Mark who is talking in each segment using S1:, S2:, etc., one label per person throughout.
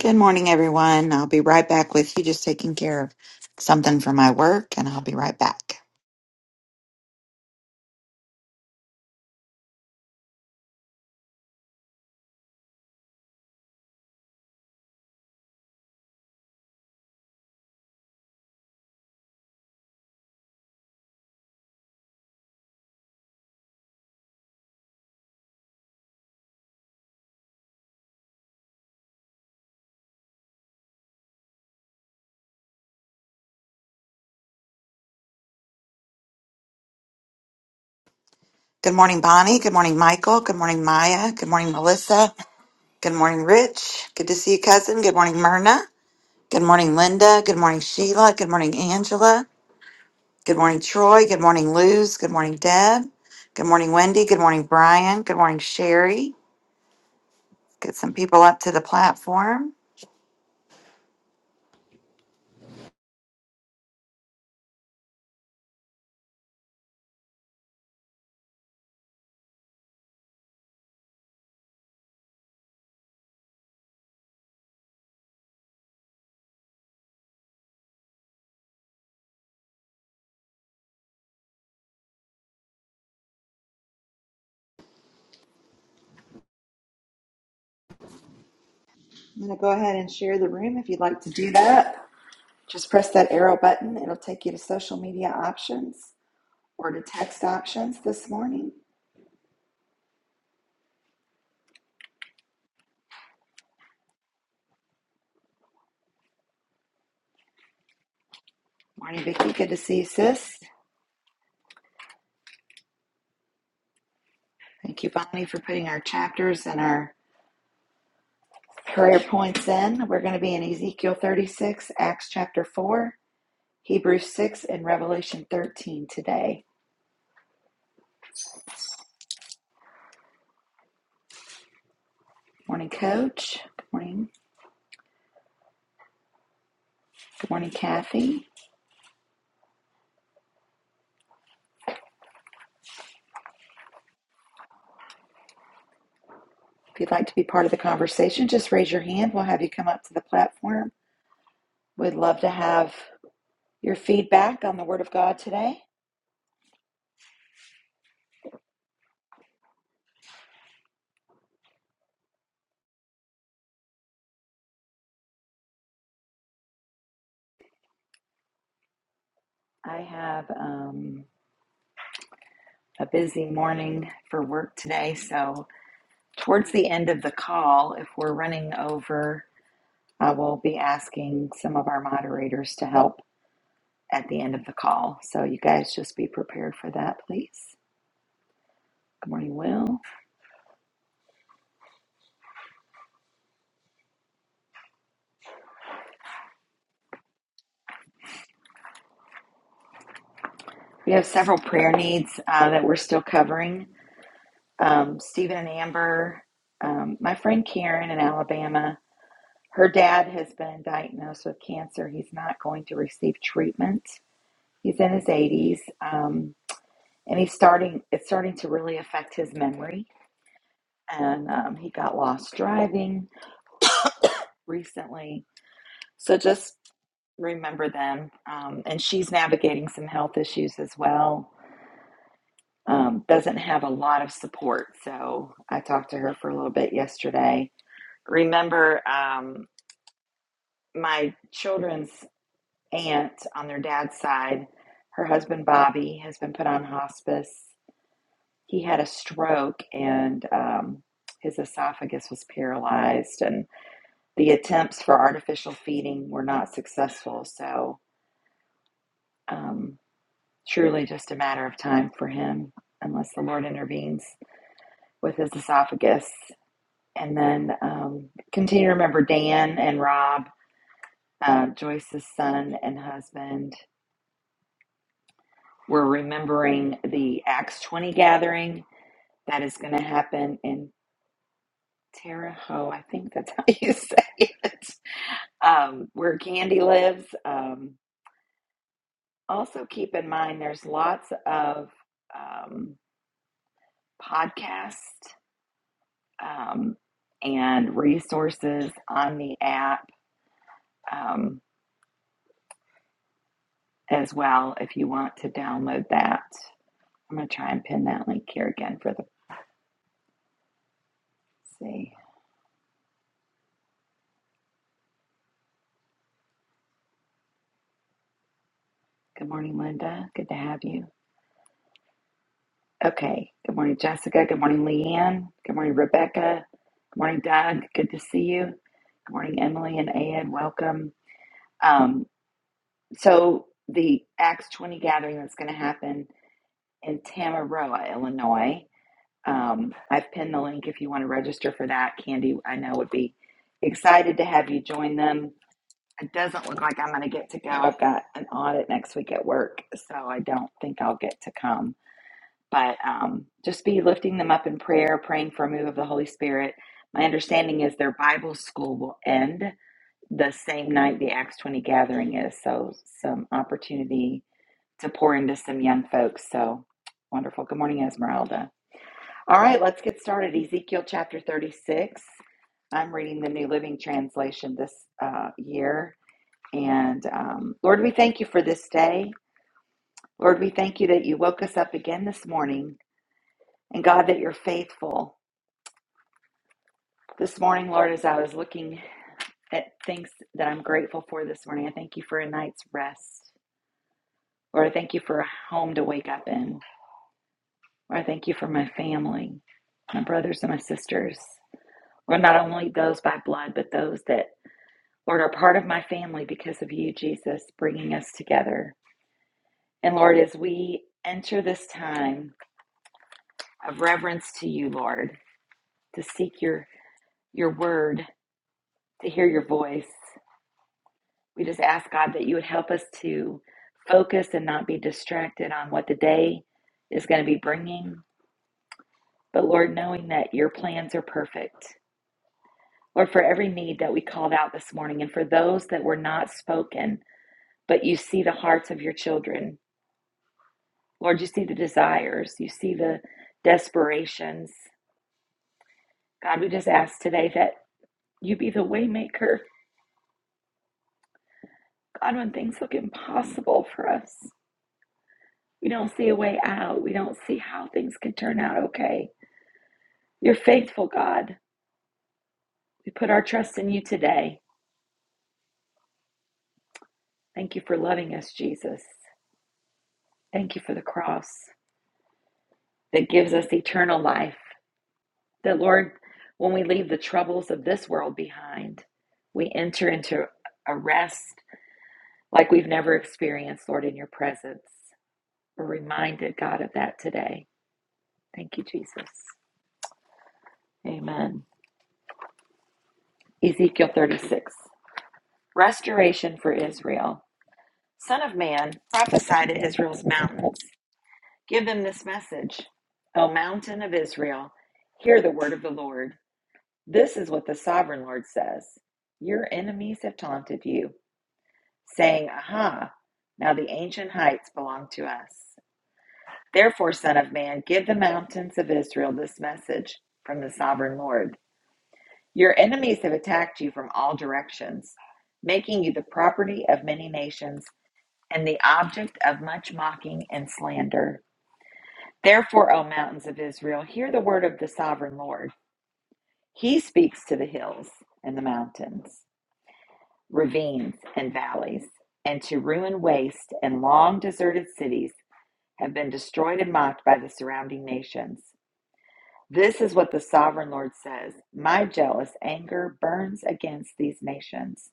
S1: Good morning, everyone. I'll be right back with you, just taking care of something for my work, and I'll be right back. Good morning, Bonnie. Good morning, Michael. Good morning, Maya. Good morning, Melissa. Good morning, Rich. Good to see you, cousin. Good morning, Myrna. Good morning, Linda. Good morning, Sheila. Good morning, Angela. Good morning, Troy. Good morning, Luz. Good morning, Deb. Good morning, Wendy. Good morning, Brian. Good morning, Sherry. Get some people up to the platform. I'm going to go ahead and share the room if you'd like to do that. Just press that arrow button. It'll take you to social media options or to text options this morning. Morning, Vicki. Good to see you, sis. Thank you, Bonnie, for putting our chapters and our prayer points in. We're going to be in Ezekiel 36, Acts chapter 4, Hebrews 6, and Revelation 13 today. Morning, Coach. Good morning. Good morning, Kathy. If you'd like to be part of the conversation, just raise your hand. We'll have you come up to the platform. We'd love to have your feedback on the Word of God today. I have um, a busy morning for work today, so towards the end of the call, if we're running over, I will be asking some of our moderators to help at the end of the call. So you guys just be prepared for that, please. Good morning, Will. We have several prayer needs uh, that we're still covering. Um, Stephen and Amber, um, my friend Karen in Alabama, her dad has been diagnosed with cancer. He's not going to receive treatment He's in his 80s, um, and he's starting. It's starting to really affect his memory, and um, he got lost driving recently. So just remember them. Um, and she's navigating some health issues as well. Um, doesn't have a lot of support, so I talked to her for a little bit yesterday. Remember, um, my children's aunt on their dad's side, her husband Bobby has been put on hospice he had a stroke and um, his esophagus was paralyzed and the attempts for artificial feeding were not successful so um, truly just a matter of time for him unless the lord intervenes with his esophagus and then um, continue to remember dan and rob uh, joyce's son and husband we're remembering the acts 20 gathering that is going to happen in terre haute i think that's how you say it um, where Candy lives. Um, also, keep in mind there's lots of um, podcasts um, and resources on the app um, as well if you want to download that. I'm going to try and pin that link here again for the. let's see. Good morning, Linda. Good to have you. Okay. Good morning, Jessica. Good morning, Leanne. Good morning, Rebecca. Good morning, Doug. Good to see you. Good morning, Emily and Ed. Welcome. Um, So the Acts 20 gathering that's going to happen in Tamaroa, Illinois. Um, I've pinned the link if you want to register for that. Candy, I know, would be excited to have you join them. It doesn't look like I'm going to get to go. I've got an audit next week at work, so I don't think I'll get to come. But um, just be lifting them up in prayer, praying for a move of the Holy Spirit. My understanding is their Bible school will end the same night the Acts 20 gathering is. So, some opportunity to pour into some young folks. So wonderful. Good morning, Esmeralda. All right, let's get started. Ezekiel chapter 36. I'm reading the New Living Translation this uh, year. And um, Lord, we thank you for this day. Lord, we thank you that you woke us up again this morning. And God, that you're faithful. This morning, Lord, as I was looking at things that I'm grateful for this morning, I thank you for a night's rest. Lord, I thank you for a home to wake up in. Lord, I thank you for my family, my brothers and my sisters. Lord, not only those by blood, but those that, Lord, are part of my family because of you, Jesus, bringing us together. And Lord, as we enter this time of reverence to you, Lord, to seek your, your word, to hear your voice, we just ask, God, that you would help us to focus and not be distracted on what the day is going to be bringing. But Lord, knowing that your plans are perfect Lord, for every need that we called out this morning and for those that were not spoken, but you see the hearts of your children. Lord, you see the desires, you see the desperations. God, we just ask today that you be the waymaker. God, when things look impossible for us, we don't see a way out. We don't see how things can turn out okay. You're faithful, God. We put our trust in you today. Thank you for loving us, Jesus. Thank you for the cross that gives us eternal life. That, Lord, when we leave the troubles of this world behind, we enter into a rest like we've never experienced, Lord, in your presence. We're reminded, God, of that today. Thank you, Jesus. Amen. Ezekiel 36 Restoration for Israel. Son of man, prophesy to Israel's mountains. Give them this message O mountain of Israel, hear the word of the Lord. This is what the sovereign Lord says Your enemies have taunted you. saying, Aha, now the ancient heights belong to us. Therefore, Son of Man, give the mountains of Israel this message from the sovereign Lord Your enemies have attacked you from all directions, making you the property of many nations and the object of much mocking and slander. Therefore, O mountains of Israel, hear the word of the sovereign Lord. He speaks to the hills and the mountains, ravines and valleys, and to ruined waste and long deserted cities have been destroyed and mocked by the surrounding nations. This is what the sovereign Lord says My jealous anger burns against these nations,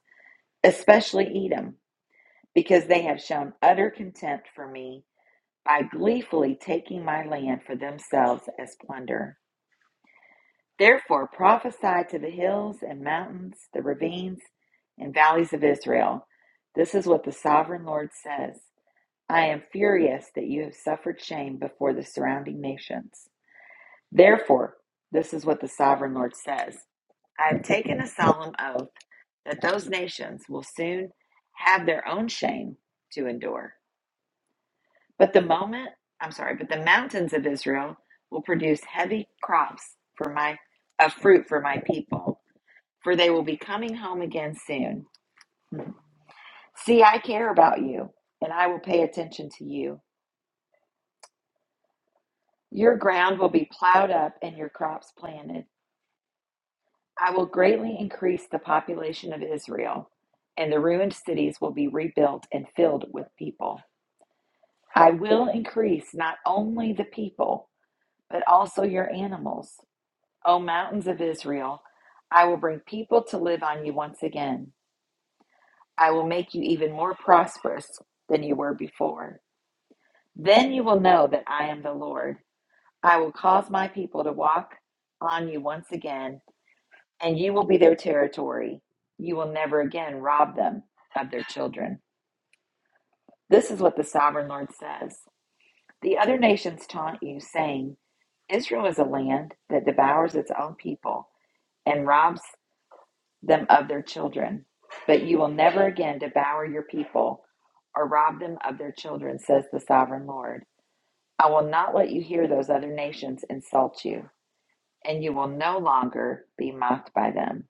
S1: especially Edom, because they have shown utter contempt for me by gleefully taking my land for themselves as plunder. Therefore, prophesy to the hills and mountains, the ravines and valleys of Israel. This is what the sovereign Lord says I am furious that you have suffered shame before the surrounding nations. Therefore, this is what the sovereign Lord says I have taken a solemn oath that those nations will soon have their own shame to endure. But the moment, I'm sorry, but the mountains of Israel will produce heavy crops for my of fruit for my people, for they will be coming home again soon. See, I care about you, and I will pay attention to you. Your ground will be plowed up and your crops planted. I will greatly increase the population of Israel, and the ruined cities will be rebuilt and filled with people. I will increase not only the people, but also your animals. O mountains of Israel, I will bring people to live on you once again. I will make you even more prosperous than you were before. Then you will know that I am the Lord. I will cause my people to walk on you once again and you will be their territory. You will never again rob them of their children. This is what the sovereign Lord says. The other nations taunt you, saying, Israel is a land that devours its own people and robs them of their children. But you will never again devour your people or rob them of their children, says the sovereign Lord. I will not let you hear those other nations insult you, and you will no longer be mocked by them.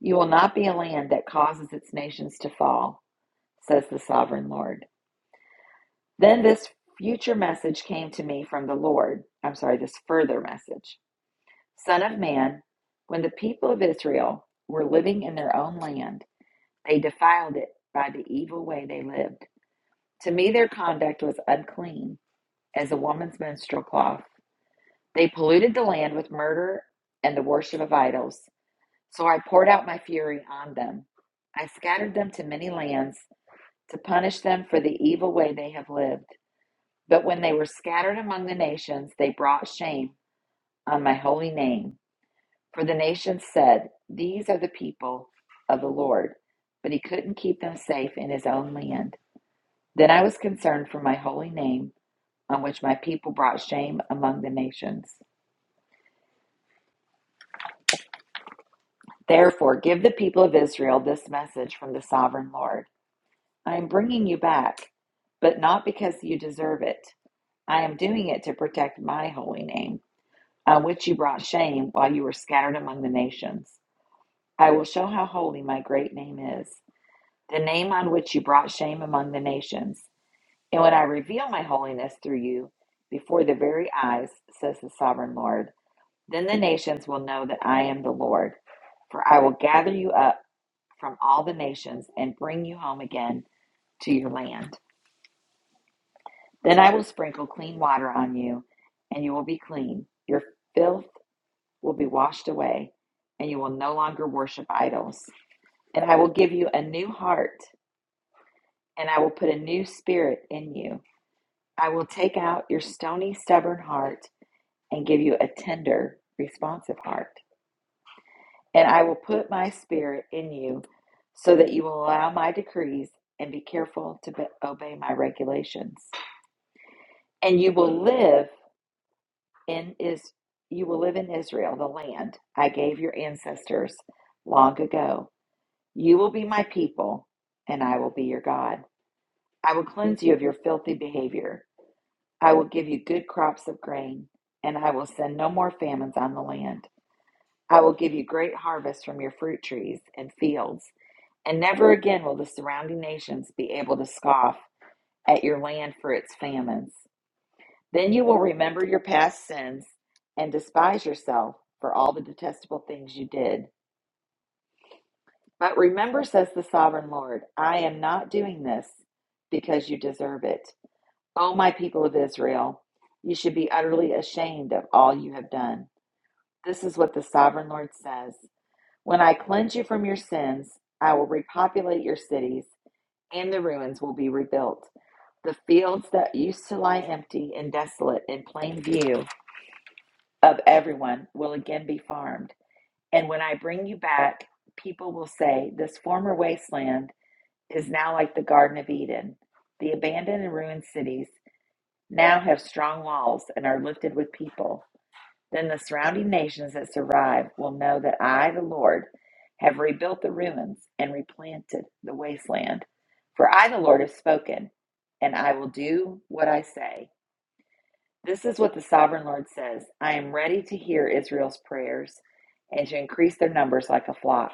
S1: You will not be a land that causes its nations to fall, says the sovereign Lord. Then this future message came to me from the Lord. I'm sorry, this further message. Son of man, when the people of Israel were living in their own land, they defiled it by the evil way they lived. To me, their conduct was unclean as a woman's menstrual cloth. They polluted the land with murder and the worship of idols. So I poured out my fury on them. I scattered them to many lands to punish them for the evil way they have lived. But when they were scattered among the nations, they brought shame on my holy name. For the nations said, These are the people of the Lord. But he couldn't keep them safe in his own land. Then I was concerned for my holy name, on which my people brought shame among the nations. Therefore, give the people of Israel this message from the sovereign Lord I am bringing you back, but not because you deserve it. I am doing it to protect my holy name. on which you brought shame while you were scattered among the nations. I will show how holy my great name is, the name on which you brought shame among the nations. And when I reveal my holiness through you before the very eyes, says the sovereign Lord, then the nations will know that I am the Lord. For I will gather you up from all the nations and bring you home again to your land. Then I will sprinkle clean water on you, and you will be clean. Your filth will be washed away, and you will no longer worship idols. And I will give you a new heart, and I will put a new spirit in you. I will take out your stony, stubborn heart and give you a tender, responsive heart. And I will put my spirit in you so that you will allow my decrees and be careful to be- obey my regulations. And you will live in is you will live in Israel, the land I gave your ancestors long ago You will be my people, and I will be your God. I will cleanse you of your filthy behavior. I will give you good crops of grain, and I will send no more famines on the land. I will give you great harvests from your fruit trees and fields, and never again will the surrounding nations be able to scoff at your land for its famines. Then you will remember your past sins and despise yourself for all the detestable things you did. But remember, says the sovereign Lord, I am not doing this because you deserve it. O my people of Israel, you should be utterly ashamed of all you have done. This is what the sovereign Lord says When I cleanse you from your sins, I will repopulate your cities, and the ruins will be rebuilt. The fields that used to lie empty and desolate in plain view of everyone will again be farmed. And when I bring you back, people will say, This former wasteland is now like the Garden of Eden. The abandoned and ruined cities now have strong walls and are lifted with people. Then the surrounding nations that survive will know that I, the Lord, have rebuilt the ruins and replanted the wasteland. For I, the Lord, have spoken, and I will do what I say. This is what the sovereign Lord says I am ready to hear Israel's prayers and to increase their numbers like a flock.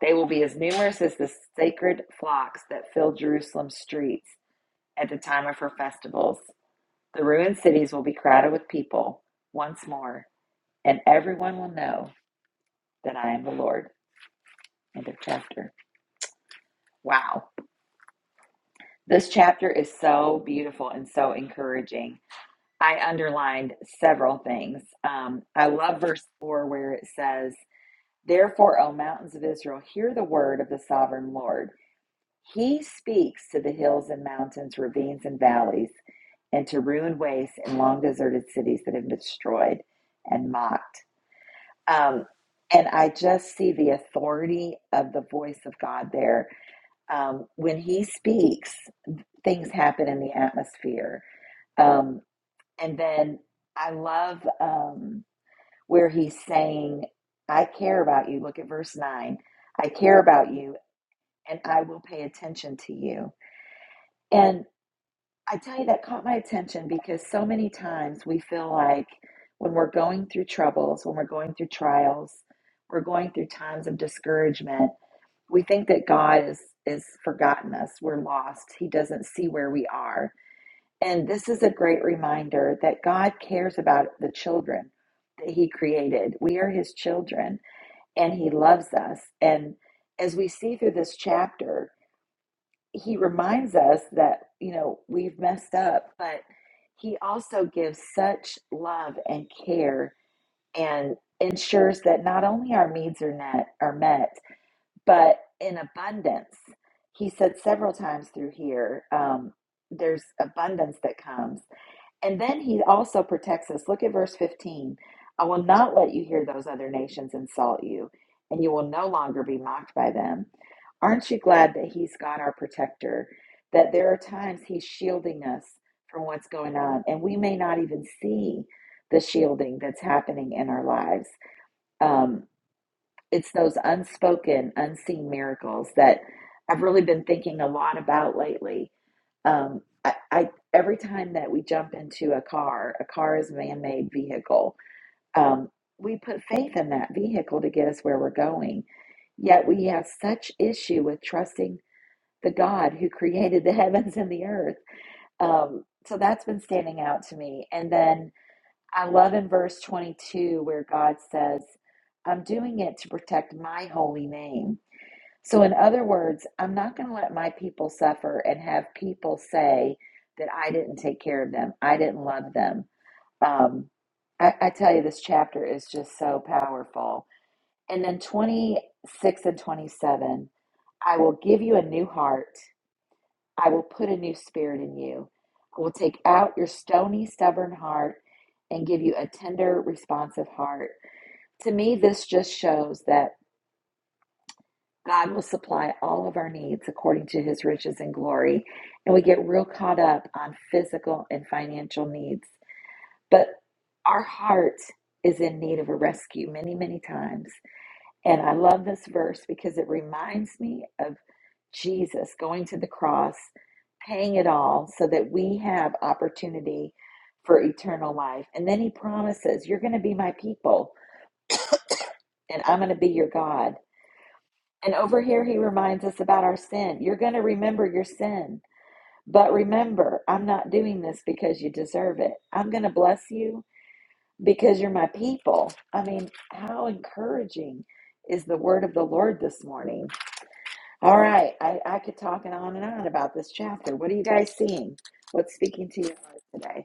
S1: They will be as numerous as the sacred flocks that fill Jerusalem's streets. at the time of her festivals. The ruined cities will be crowded with people once more, and everyone will know that I am the Lord. End of chapter. Wow. This chapter is so beautiful and so encouraging. I underlined several things. Um, I love verse 4 where it says, Therefore, O mountains of Israel, hear the word of the sovereign Lord. He speaks to the hills and mountains, ravines and valleys, and to ruined wastes and long deserted cities that have been destroyed and mocked. Um, and I just see the authority of the voice of God there. Um, when He speaks, things happen in the atmosphere. Um, and then I love um, where He's saying, I care about you. Look at verse 9. I care about you, and I will pay attention to you. And I tell you, that caught my attention because so many times we feel like when we're going through troubles, when we're going through trials, we're going through times of discouragement, we think that God is is forgotten us. We're lost. He doesn't see where we are. And this is a great reminder that God cares about the children that he created. We are his children and he loves us. And as we see through this chapter, he reminds us that you know we've messed up but he also gives such love and care and ensures that not only our needs are met are met but in abundance he said several times through here um, there's abundance that comes and then he also protects us. Look at verse 15. I will not let you hear those other nations insult you, and you will no longer be mocked by them. Aren't you glad that he's God our protector? That there are times he's shielding us from what's going on, and we may not even see the shielding that's happening in our lives. Um, it's those unspoken, unseen miracles that I've really been thinking a lot about lately. Um, I, I every time that we jump into a car, a car is a man-made vehicle. Um, we put faith in that vehicle to get us where we're going. Yet we have such issue with trusting the God who created the heavens and the earth. Um, so that's been standing out to me. And then I love in verse 22 where God says, I'm doing it to protect my holy name. So, in other words, I'm not going to let my people suffer and have people say that I didn't take care of them, I didn't love them. Um, I, I tell you, this chapter is just so powerful. And then 26 and 27 I will give you a new heart I will put a new spirit in you. I will take out your stony, stubborn heart and give you a tender, responsive heart. To me, this just shows that God will supply all of our needs according to his riches and glory. And we get real caught up on physical and financial needs. But our heart is in need of a rescue many, many times. And I love this verse because it reminds me of Jesus going to the cross, paying it all so that we have opportunity for eternal life. And then he promises, You're going to be my people, and I'm going to be your God. And over here, he reminds us about our sin. You're going to remember your sin. But remember, I'm not doing this because you deserve it. I'm going to bless you because you're my people. I mean, how encouraging is the word of the Lord this morning? All right, I, I could talk and on and on about this chapter. What are you guys seeing? What's speaking to your heart today?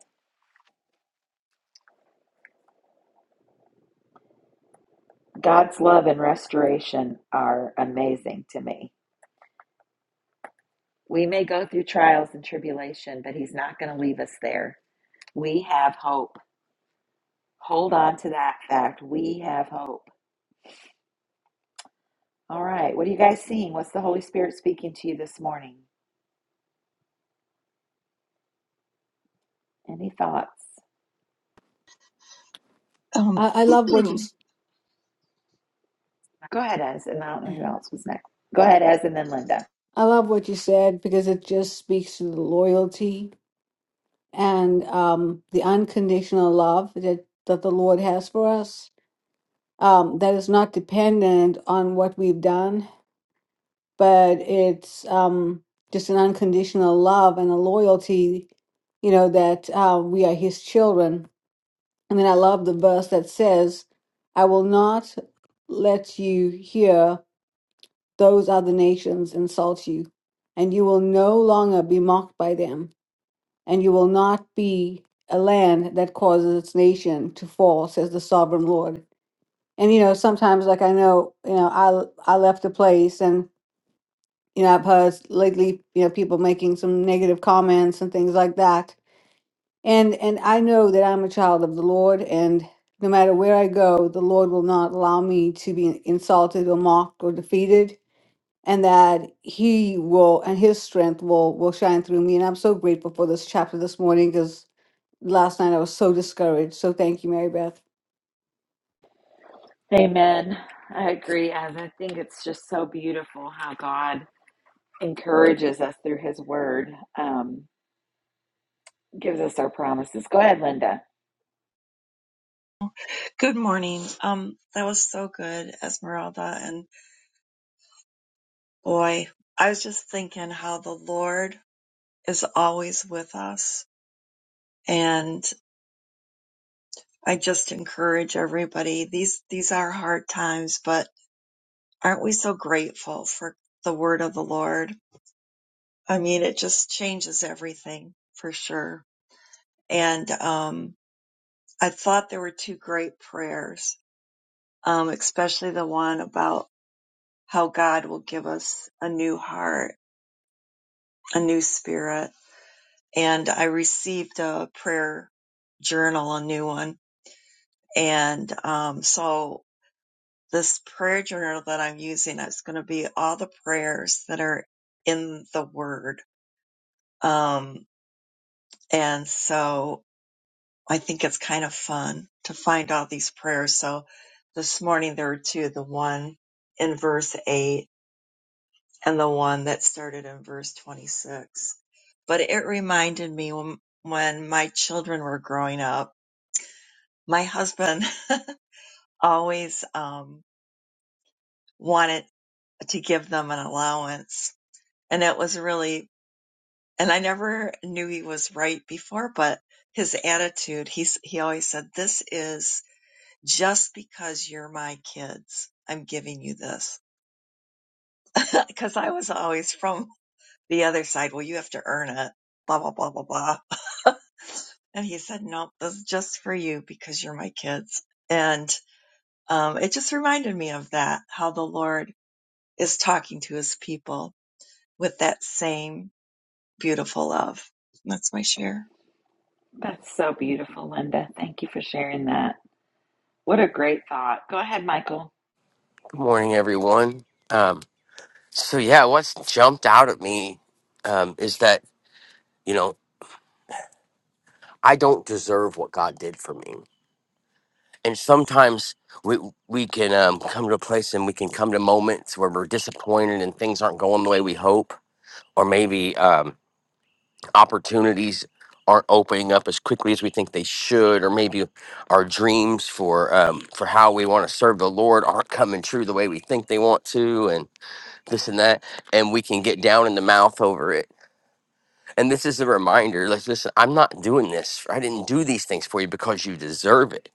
S1: God's love and restoration are amazing to me. We may go through trials and tribulation, but He's not going to leave us there. We have hope. Hold on to that fact. We have hope. All right, what are you guys seeing? What's the Holy Spirit speaking to you this morning? Any thoughts?
S2: Um,
S3: I, I love what you s-
S1: Go ahead, Ez, and I don't know who else was next. Go ahead, Ez, and then Linda.
S3: I love what you said because it just speaks to the loyalty and um, the unconditional love that that the Lord has for us. Um, that is not dependent on what we've done, but it's um, just an unconditional love and a loyalty, you know, that uh, we are His children. And then I love the verse that says, "I will not let you hear." Those other nations insult you, and you will no longer be mocked by them, and you will not be a land that causes its nation to fall, says the sovereign Lord. And you know, sometimes like I know, you know, I I left a place and you know, I've heard lately, you know, people making some negative comments and things like that. And and I know that I'm a child of the Lord and no matter where I go, the Lord will not allow me to be insulted or mocked or defeated and that he will and his strength will will shine through me and i'm so grateful for this chapter this morning because last night i was so discouraged so thank you mary beth
S1: Amen. I agree, as I think it's just so beautiful how God encourages us through His Word, um, gives us our promises. Go ahead, Linda.
S2: good morning. Um, that was so good, Esmeralda. And boy, I was just thinking how the Lord is always with us. And I just encourage everybody. These, these are hard times, but aren't we so grateful for the word of the Lord? I mean, it just changes everything for sure. And, um, I thought there were two great prayers, um, especially the one about how God will give us a new heart a new spirit and I received a prayer journal, a new one. And, um, so this prayer journal that I'm using is going to be all the prayers that are in the word. Um, and so I think it's kind of fun to find all these prayers. So this morning there were two, the one in verse eight and the one that started in verse 26. But it reminded me when, when my children were growing up, my husband always um, wanted to give them an allowance. And it was really, and I never knew he was right before, but his attitude, he's, he always said, this is just because you're my kids. I'm giving you this because I was always from the other side, well, you have to earn it, blah, blah, blah, blah, blah. and he said, no, this is just for you because you're my kids. And um, it just reminded me of that, how the Lord is talking to his people with that same beautiful love. That's my share.
S1: That's so beautiful, Linda. Thank you for sharing that. What a great thought. Go ahead, Michael.
S4: Good morning, everyone. Um, so yeah, what's jumped out at me um, is that you know I don't deserve what God did for me, and sometimes we we can um, come to a place and we can come to moments where we're disappointed and things aren't going the way we hope, or maybe um, opportunities aren't opening up as quickly as we think they should, or maybe our dreams for um, for how we want to serve the Lord aren't coming true the way we think they want to, and. this and that, and we can get down in the mouth over it. And this is a reminder like, listen, I'm not doing this. I didn't do these things for you because you deserve it.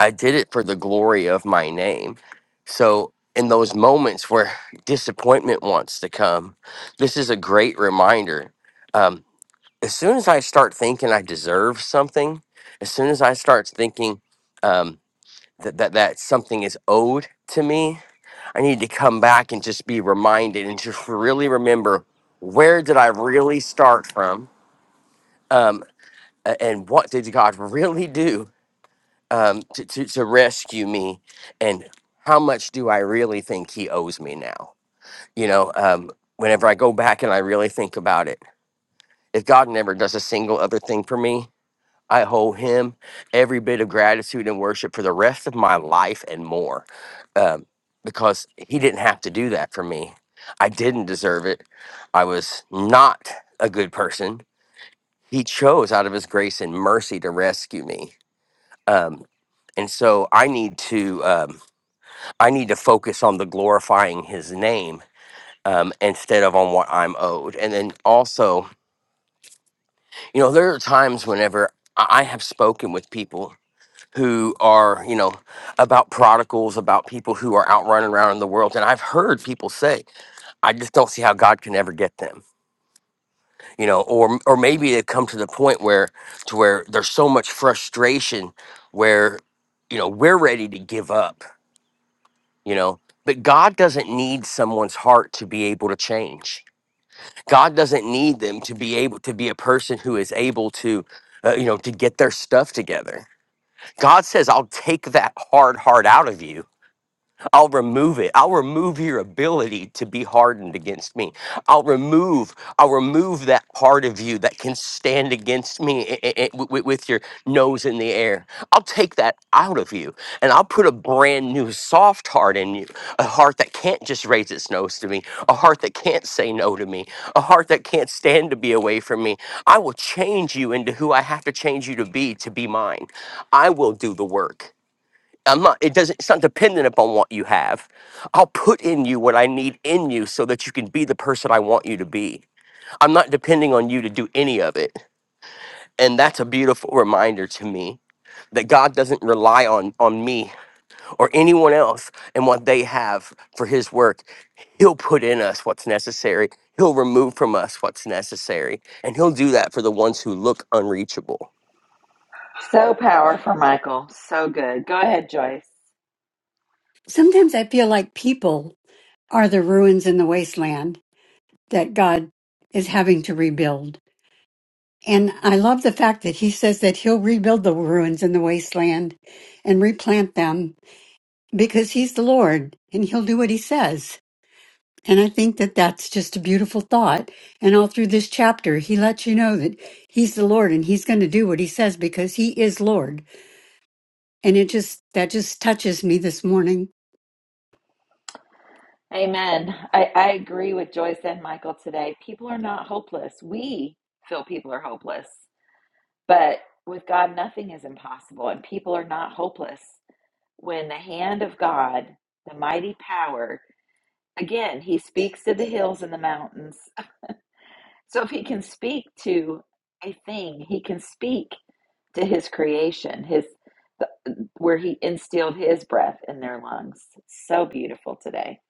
S4: I did it for the glory of my name. So, in those moments where disappointment wants to come, this is a great reminder. Um, as soon as I start thinking I deserve something, as soon as I start thinking um, that, that, that something is owed to me, I need to come back and just be reminded and just really remember where did I really start from, um, a- and what did God really do um, to, to to rescue me, and how much do I really think He owes me now? You know, um, whenever I go back and I really think about it, if God never does a single other thing for me. I owe him every bit of gratitude and worship for the rest of my life and more um, because he didn't have to do that for me. I didn't deserve it. I was not a good person. He chose out of his grace and mercy to rescue me. Um, and so I need to um, I need to focus on the glorifying his name um, instead of on what I'm owed. And then also, you know, there are times whenever I I have spoken with people who are, you know, about prodigals, about people who are out running around in the world. And I've heard people say, I just don't see how God can ever get them, you know, or or maybe they've come to the point where to where there's so much frustration where, you know, we're ready to give up, you know. But God doesn't need someone's heart to be able to change. God doesn't need them to be able to be a person who is able to, uh, you know, to get their stuff together. God says, I'll take that hard heart out of you I'll remove it. I'll remove your ability to be hardened against me. I'll remove, I'll remove that part of you that can stand against me i- i- i- wi- with your nose in the air. I'll take that out of you and I'll put a brand new soft heart in you, a heart that can't just raise its nose to me, a heart that can't say no to me, a heart that can't stand to be away from me. I will change you into who I have to change you to be to be mine. I will do the work. I'm not, it doesn't, it's not dependent upon what you have. I'll put in you what I need in you so that you can be the person I want you to be. I'm not depending on you to do any of it. And that's a beautiful reminder to me that God doesn't rely on, on me or anyone else and what they have for his work. He'll put in us what's necessary. He'll remove from us what's necessary. And he'll do that for the ones who look unreachable.
S1: So powerful, Michael. So good. Go ahead, Joyce.
S5: Sometimes I feel like people are the ruins in the wasteland that God is having to rebuild. And I love the fact that he says that he'll rebuild the ruins in the wasteland and replant them because he's the Lord and he'll do what he says. And I think that that's just a beautiful thought. And all through this chapter, he lets you know that he's the Lord and he's going to do what he says because he is Lord. And it just, that just touches me this morning.
S1: Amen. I, I agree with Joyce and Michael today. People are not hopeless. We feel people are hopeless, but with God, nothing is impossible, and people are not hopeless. When the hand of God, the mighty power, again, he speaks to the hills and the mountains. So if he can speak to a thing, he can speak to his creation, his the, where he instilled his breath in their lungs. So beautiful today.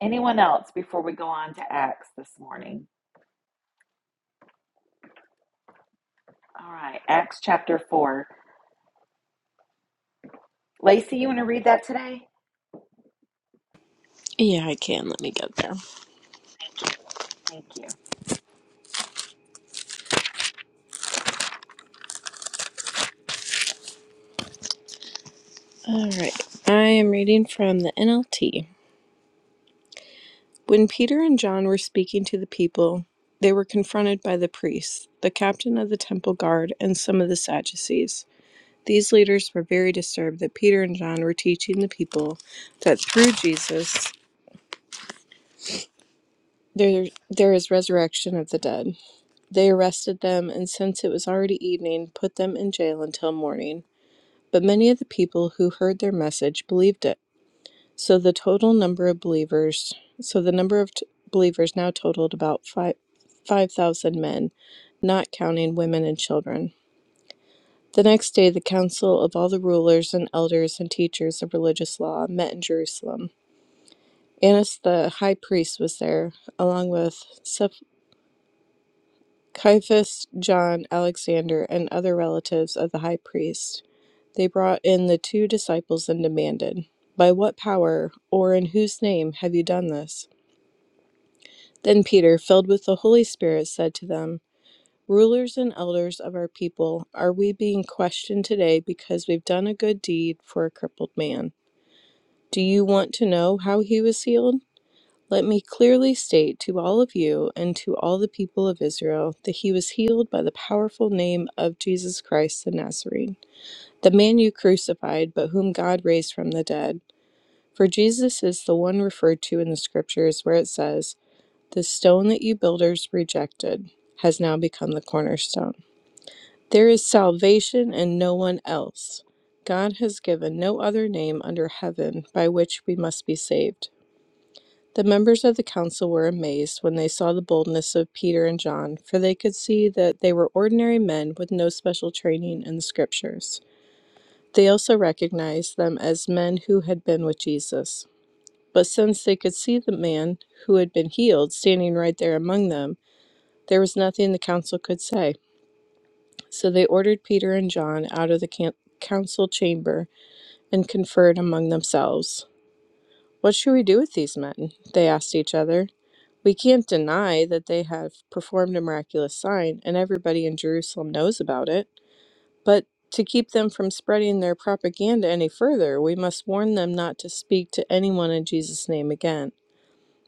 S1: Anyone else before we go on to Acts this morning? All right, Acts chapter 4. Lacey, you want to read that today?
S6: Yeah, I can. Let me get there.
S1: Thank you.
S6: All right. I am reading from the NLT. When Peter and John were speaking to the people, they were confronted by the priests, the captain of the temple guard, and some of the Sadducees. These leaders were very disturbed that Peter and John were teaching the people that through Jesus there there is resurrection of the dead. They arrested them and since it was already evening, put them in jail until morning. But many of the people who heard their message believed it. So the total number of believers, so the number of t- believers now totaled about five 5,000 men, not counting women and children. The next day, the council of all the rulers and elders and teachers of religious law met in Jerusalem. Annas the high priest was there, along with Ceph- Caiaphas, John, Alexander, and other relatives of the high priest. They brought in the two disciples and demanded, By what power or in whose name have you done this? Then Peter, filled with the Holy Spirit, said to them, Rulers and elders of our people, are we being questioned today because we've done a good deed for a crippled man? Do you want to know how he was healed? Let me clearly state to all of you and to all the people of Israel that he was healed by the powerful name of Jesus Christ the Nazarene, the man you crucified, but whom God raised from the dead. For Jesus is the one referred to in the scriptures where it says, the stone that you builders rejected has now become the cornerstone. There is salvation in no one else. God has given no other name under heaven by which we must be saved. The members of the council were amazed when they saw the boldness of Peter and John, for they could see that they were ordinary men with no special training in the scriptures. They also recognized them as men who had been with Jesus. But since they could see the man who had been healed standing right there among them, There was nothing the council could say. So they ordered Peter and John out of the can- council chamber and conferred among themselves. What should we do with these men? They asked each other. We can't deny that they have performed a miraculous sign, and everybody in Jerusalem knows about it. But to keep them from spreading their propaganda any further, we must warn them not to speak to anyone in Jesus' name again.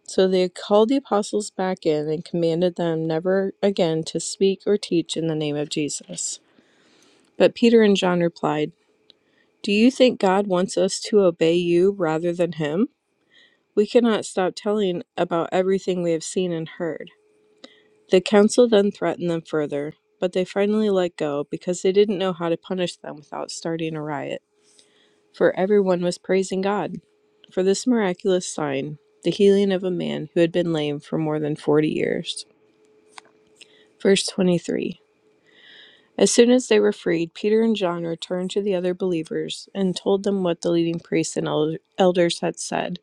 S6: So they called the apostles back in and commanded them never again to speak or teach in the name of Jesus. But Peter and John replied, Do you think God wants us to obey you rather than him? We cannot stop telling about everything we have seen and heard. The council then threatened them further, but they finally let go because they didn't know how to punish them without starting a riot. For everyone was praising God for this miraculous sign, the healing of a man who had been lame for more than 40 years. Verse 23. As soon as they were freed, Peter and John returned to the other believers and told them what the leading priests and elders had said.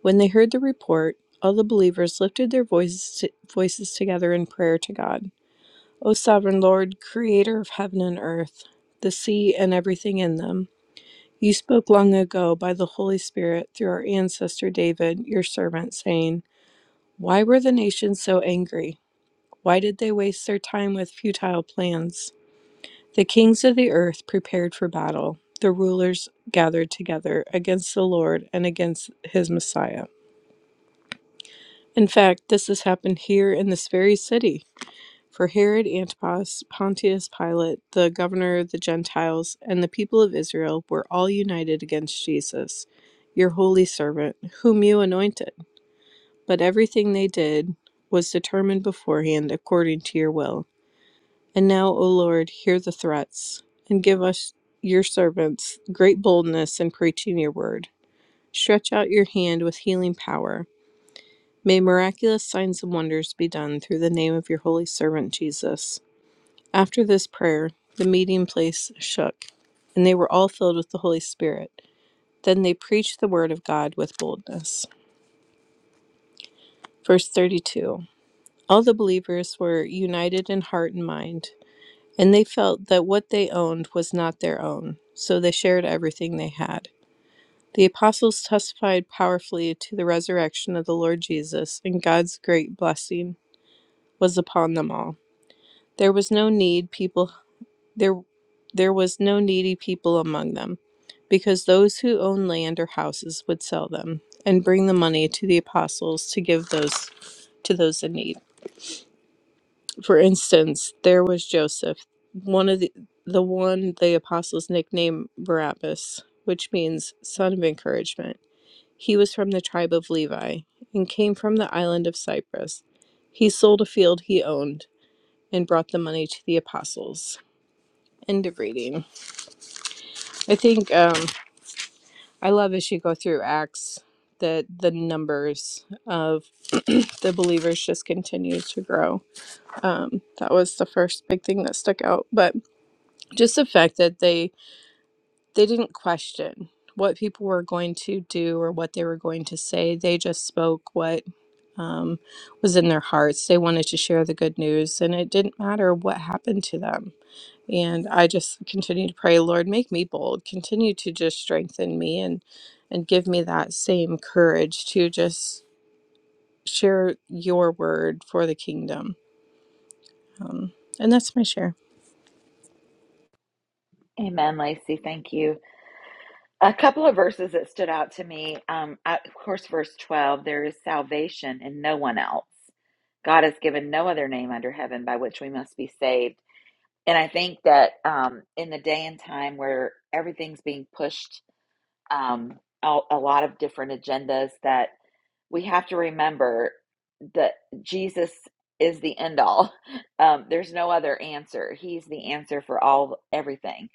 S6: When they heard the report, all the believers lifted their voices, voices together in prayer to God. O sovereign Lord, creator of heaven and earth, the sea and everything in them, you spoke long ago by the Holy Spirit through our ancestor David, your servant, saying, Why were the nations so angry? Why did they waste their time with futile plans? The kings of the earth prepared for battle. The rulers gathered together against the Lord and against his Messiah. In fact, this has happened here in this very city. For Herod Antipas, Pontius Pilate, the governor of the Gentiles, and the people of Israel were all united against Jesus, your holy servant, whom you anointed. But everything they did was determined beforehand according to your will. And now, O Lord, hear the threats, and give us, your servants, great boldness in preaching your word. Stretch out your hand with healing power. May miraculous signs and wonders be done through the name of your holy servant Jesus. After this prayer, the meeting place shook, and they were all filled with the Holy Spirit. Then they preached the word of God with boldness. Verse 32 All the believers were united in heart and mind. and they felt that what they owned was not their own, so they shared everything they had. The apostles testified powerfully to the resurrection of the Lord Jesus, and God's great blessing was upon them all. There was no need people there there was no needy people among them, because those who owned land or houses would sell them and bring the money to the apostles to give those to those in need. For instance, there was Joseph, one of the the one the apostles nicknamed Barabbas, which means son of encouragement. He was from the tribe of Levi and came from the island of Cyprus. He sold a field he owned and brought the money to the apostles. End of reading. I think um, I love as you go through Acts that the numbers of the believers just continue to grow. Um, that was the first big thing that stuck out. But just the fact that they they didn't question what people were going to do or what they were going to say they just spoke what um, was in their hearts they wanted to share the good news and it didn't matter what happened to them and i just continue to pray lord make me bold continue to just strengthen me and and give me that same courage to just share your word for the kingdom and that's my share
S1: Amen, Lacey. Thank you. A couple of verses that stood out to me. Um, I- of course, verse 12 there is salvation in no one else. God has given no other name under heaven by which we must be saved. And I think that um, in the day and time where everything's being pushed, um, a, a lot of different agendas, that we have to remember that Jesus is the end all. Um, there's no other answer. He's the answer for all everything.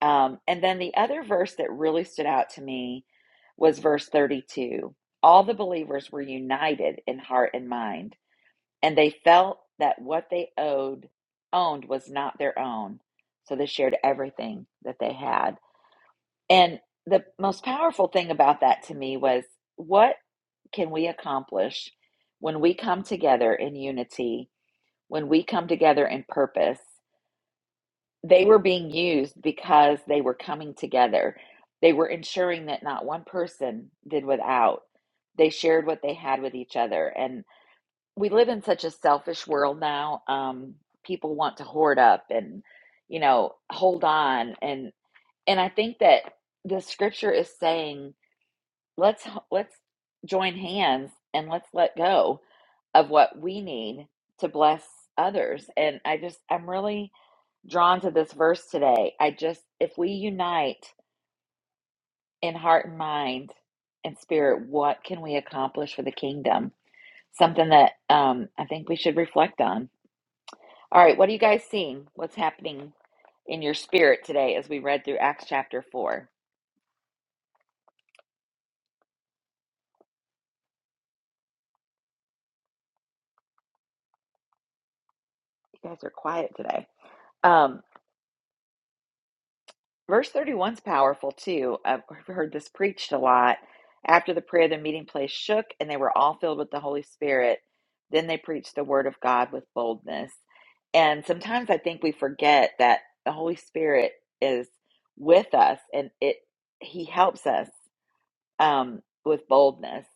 S1: Um, and then the other verse that really stood out to me was verse 32. All the believers were united in heart and mind and they felt that what they owed owned was not their own so they shared everything that they had and the most powerful thing about that to me was what can we accomplish when we come together in unity when we come together in purpose they were being used because they were coming together they were ensuring that not one person did without they shared what they had with each other and we live in such a selfish world now. Um, people want to hoard up and, you know, hold on and and I think that the scripture is saying let's let's join hands and let's let go of what we need to bless others. And I just I'm really drawn to this verse today. I just if we unite in heart and mind and spirit, what can we accomplish for the kingdom? Something that um, I think we should reflect on. All right, what are you guys seeing? What's happening in your spirit today as we read through Acts chapter 4? You guys are quiet today. Um, verse 31 is powerful too. I've heard this preached a lot. After the prayer, the meeting place shook and they were all filled with the Holy Spirit. Then they preached the word of God with boldness. And sometimes I think we forget that the Holy Spirit is with us and it he helps us um, with boldness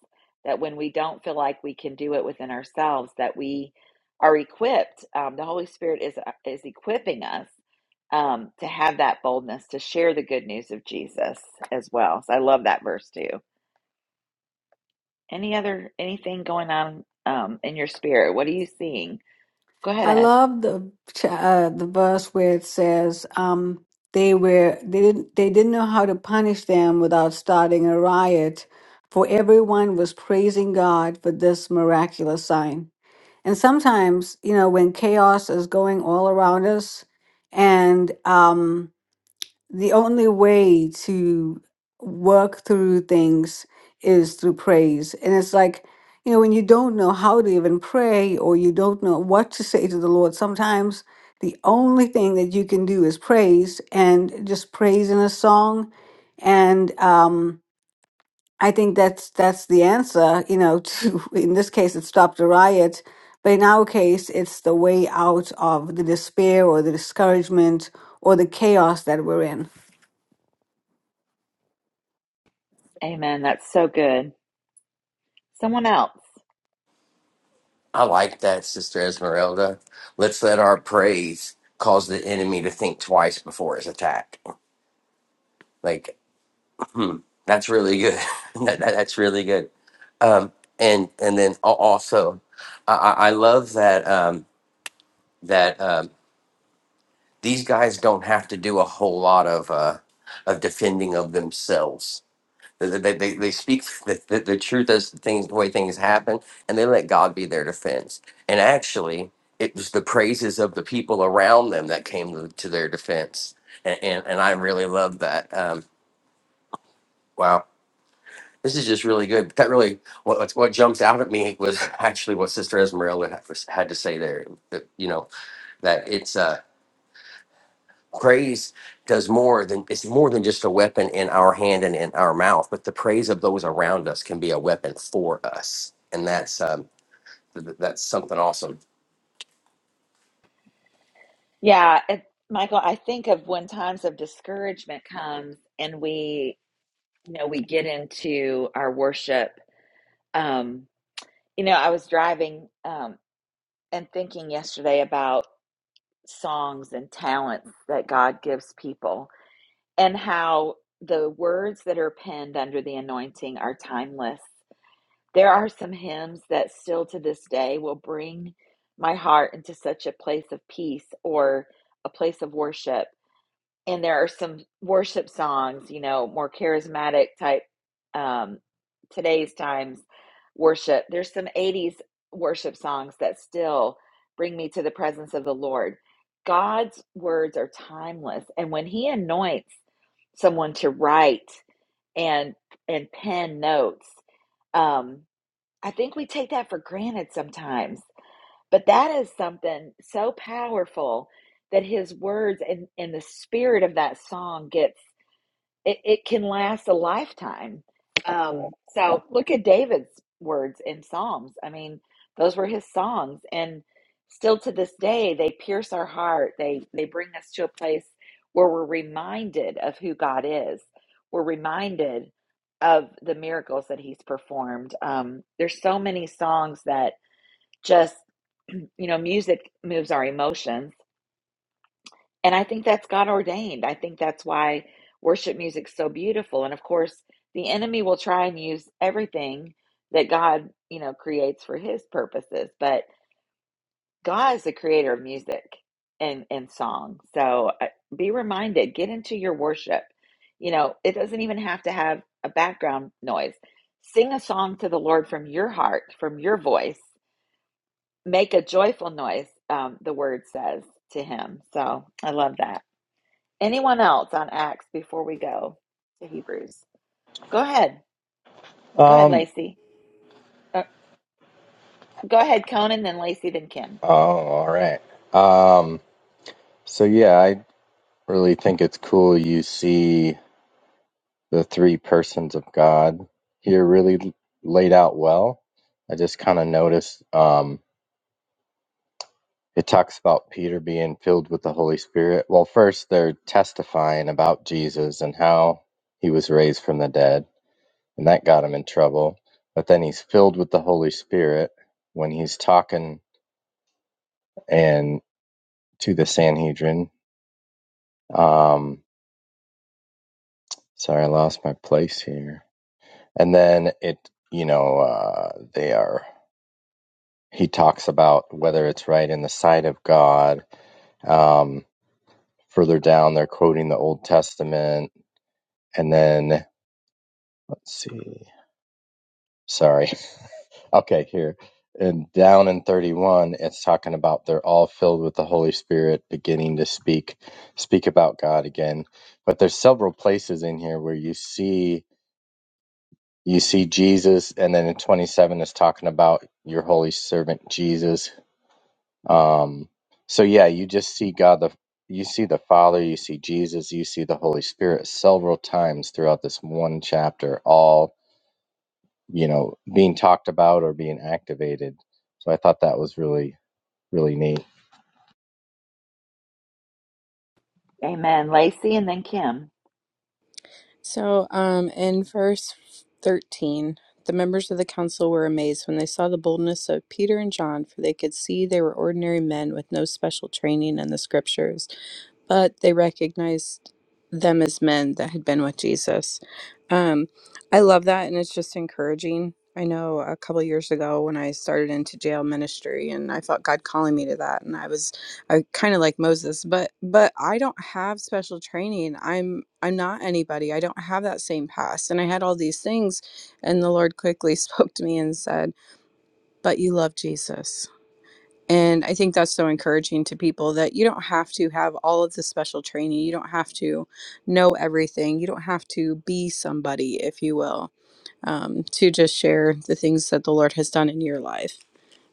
S1: that when we don't feel like we can do it within ourselves that we are equipped um, the holy spirit is uh, is equipping us um, to have that boldness to share the good news of jesus as well so i love that verse too any other anything going on um, in your spirit what are you seeing go ahead
S3: i
S1: as
S3: love the cha- uh, the verse where it says um they were they didn't they didn't know how to punish them without starting a riot for everyone was praising god for this miraculous sign and sometimes you know when chaos is going all around us and um the only way to work through things is through praise. And it's like, you know, when you don't know how to even pray or you don't know what to say to the Lord, sometimes the only thing that you can do is praise and just praise in a song. And um, I think that's that's the answer, you know, to in this case it stopped a riot. But in our case, it's the way out of the despair or the discouragement or the chaos that we're in.
S1: amen that's so good someone else
S4: I like that, Sister Esmeralda. Let's let our praise cause the enemy to think twice before his attack. Like, hmm, that's really good. that, that- that's really good. Um, and and then al- also, I, I I love that um, that um, these guys don't have to do a whole lot of uh, of defending of themselves. They, they, they they speak the, the, the truth as the things the way things happen, and they let God be their defense. And actually, it was the praises of the people around them that came to, to their defense. And, and and I really love that. Um, wow, this is just really good. That really what what what jumps out at me was actually what Sister Esmeralda had had to say there. That you know that it's uh praise does more than it's more than just a weapon in our hand and in our mouth but the praise of those around us can be a weapon for us and that's um th- th- that's something awesome
S1: yeah it, michael i think of when times of discouragement comes and we you know, we get into our worship. Um, you know, I was driving um, and thinking yesterday about songs and talents that God gives people and how the words that are penned under the anointing are timeless. There are some hymns that still to this day will bring my heart into such a place of peace or a place of worship and there are some worship songs, you know, more charismatic type um today's times worship. There's some 80s worship songs that still bring me to the presence of the Lord. God's words are timeless, and when he anoints someone to write and and pen notes, um I think we take that for granted sometimes. But that is something so powerful that his words and, and the spirit of that song gets it, it can last a lifetime. Um, so look at David's words in Psalms. I mean, those were his songs, and still to this day, they pierce our heart. They they bring us to a place where we're reminded of who God is. We're reminded of the miracles that He's performed. Um, there's so many songs that just you know music moves our emotions and i think that's god ordained i think that's why worship music's so beautiful and of course the enemy will try and use everything that god you know creates for his purposes but god is the creator of music and and song so uh, be reminded get into your worship you know it doesn't even have to have a background noise sing a song to the lord from your heart from your voice Make a joyful noise, um, the word says to him. So I love that. Anyone else on Acts before we go to Hebrews? Go ahead. Go ahead,
S7: Um,
S1: Lacey. Uh, go ahead, Conan, then Lacey, then Kim.
S7: oh, all right. Um, so yeah, I really think it's cool you see the three persons of God here really l- laid out well. I just kind of noticed um it talks about Peter being filled with the Holy Spirit. Well, first they're testifying about Jesus and how he was raised from the dead, and that got him in trouble. But then he's filled with the Holy Spirit when he's talking and to the Sanhedrin. Um, Sorry, I lost my place here. And then it, you know, uh, they are. He talks about whether it's right in the sight of God. Um, further down, they're quoting the Old Testament, and then let's see. Sorry. Okay, here. And down in 31, it's talking about they're all filled with the Holy Spirit, beginning to speak, speak about God again. But there's several places in here where you see you see Jesus, and then in 27 is talking about your holy servant Jesus. Um, so yeah, you just see God the you see the Father, you see Jesus, you see the Holy Spirit several times throughout this one chapter, all you know being talked about or being activated. So I thought that was really really neat.
S1: Amen. Lacey and then Kim.
S6: So, um, in verse 13, the members of the council were amazed when they saw the boldness of Peter and John, for they could see they were ordinary men with no special training in the scriptures, but they recognized them as men that had been with Jesus. Um, I love that, and it's just encouraging. I know a couple years ago when I started into jail ministry, and I felt God calling me to that, and I was I kind of like Moses, but but I don't have special training. I'm I'm not anybody. I don't have that same past. And I had all these things and the Lord quickly spoke to me and said, "But you love Jesus." And I think that's so encouraging to people that you don't have to have all of the special training. You don't have to know everything. You don't have to be somebody, if you will, um, to just share the things that the Lord has done in your life.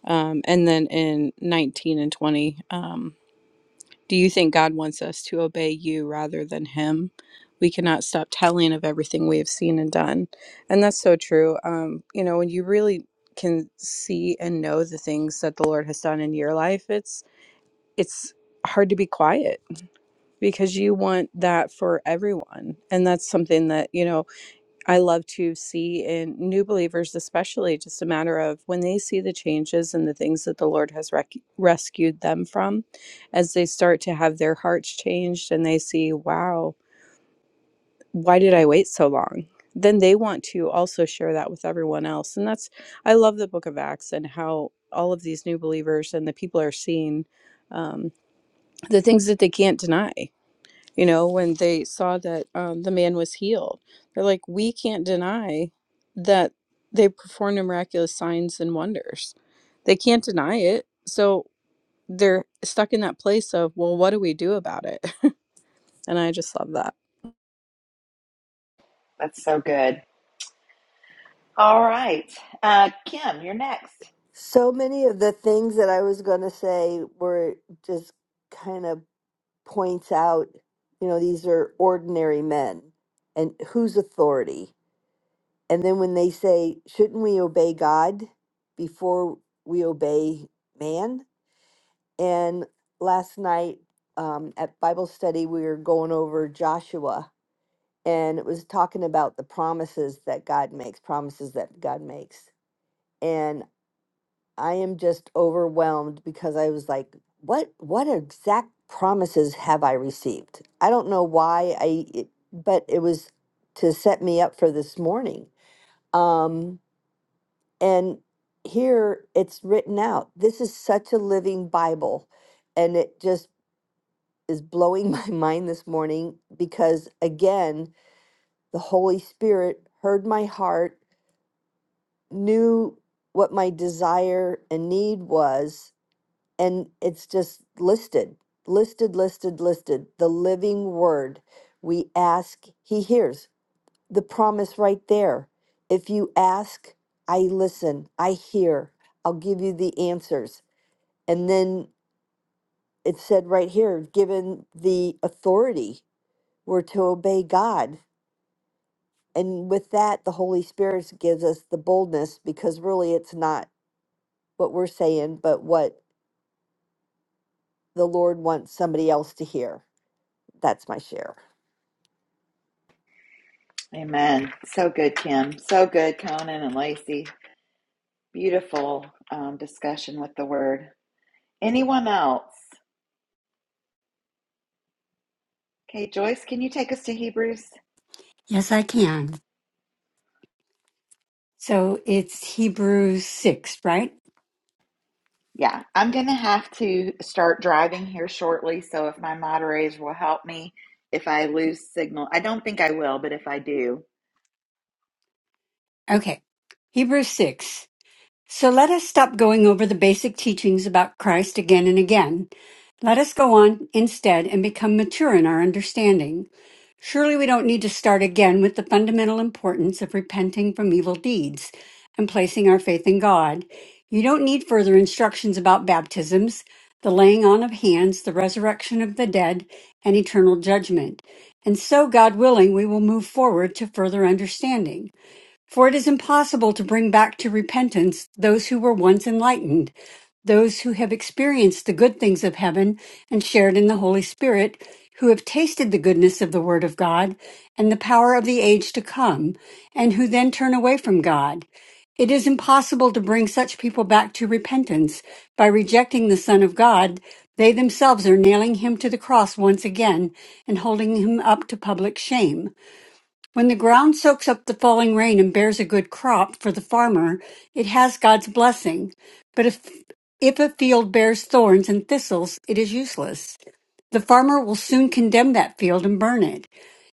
S6: Um, and then in 19 and 20, um, do you think God wants us to obey you rather than him? We cannot stop telling of everything we have seen and done. And that's so true. Um, you know, when you really can see and know the things that the Lord has done in your life, it's it's hard to be quiet because you want that for everyone. And that's something that, you know, I love to see in new believers, especially just a matter of when they see the changes and the things that the Lord has rec- rescued them from, as they start to have their hearts changed and they see, wow, why did I wait so long? Then they want to also share that with everyone else. And that's, I love the book of Acts and how all of these new believers and the people are seeing um, the things that they can't deny you know, when they saw that um, the man was healed. They're like, we can't deny that they performed miraculous signs and wonders. They can't deny it. So they're stuck in that place of, well, what do we do about it? and I just love that.
S1: That's so good. All right. Uh, Kim, you're next.
S8: So many of the things that I was going to say were just kind of points out, you know, these are ordinary men and whose authority. And then when they say, shouldn't we obey God before we obey man? And last night um, at Bible study, we were going over Joshua and it was talking about the promises that God makes, promises that God makes. I am just overwhelmed because I was like, what what exact promises have I received? I don't know why I it, but it was to set me up for this morning. Um and here it's written out. This is such a living Bible and it just is blowing my mind this morning because again, the Holy Spirit heard my heart, knew what my desire and need was and it's just listed, listed, listed, listed. The living word. We ask, he hears the promise right there. If you ask, I listen, I hear, I'll give you the answers. And then it said right here, given the authority, we're to obey God. And with that, the Holy Spirit gives us the boldness because really it's not what we're saying, but what the Lord wants somebody else to hear. That's my share.
S1: Amen. So good, Kim. So good, Conan and Lacey. Beautiful um, discussion with the word. Anyone else? Okay, Joyce, can you take us to Hebrews?
S5: Yes, I can. So it's Hebrews 6, right?
S1: Yeah, I'm going to have to start driving here shortly. So if my moderators will help me, if I lose signal, I don't think I will, but if I do,
S5: Okay. Hebrews 6. So let us stop going over the basic teachings about Christ again and again. Let us go on instead and become mature in our understanding. Surely we don't need to start again with the fundamental importance of repenting from evil deeds and placing our faith in God. You don't need further instructions about baptisms, the laying on of hands, the resurrection of the dead, and eternal judgment. And so, God willing, we will move forward to further understanding. For it is impossible to bring back to repentance those who were once enlightened, those who have experienced the good things of heaven and shared in the Holy Spirit, who have tasted the goodness of the Word of God and the power of the age to come, and who then turn away from God. It is impossible to bring such people back to repentance. By rejecting the Son of God, they themselves are nailing him to the cross once again and holding him up to public shame. When the ground soaks up the falling rain and bears a good crop for the farmer, it has God's blessing. But if, if a field bears thorns and thistles, it is useless. The farmer will soon condemn that field and burn it.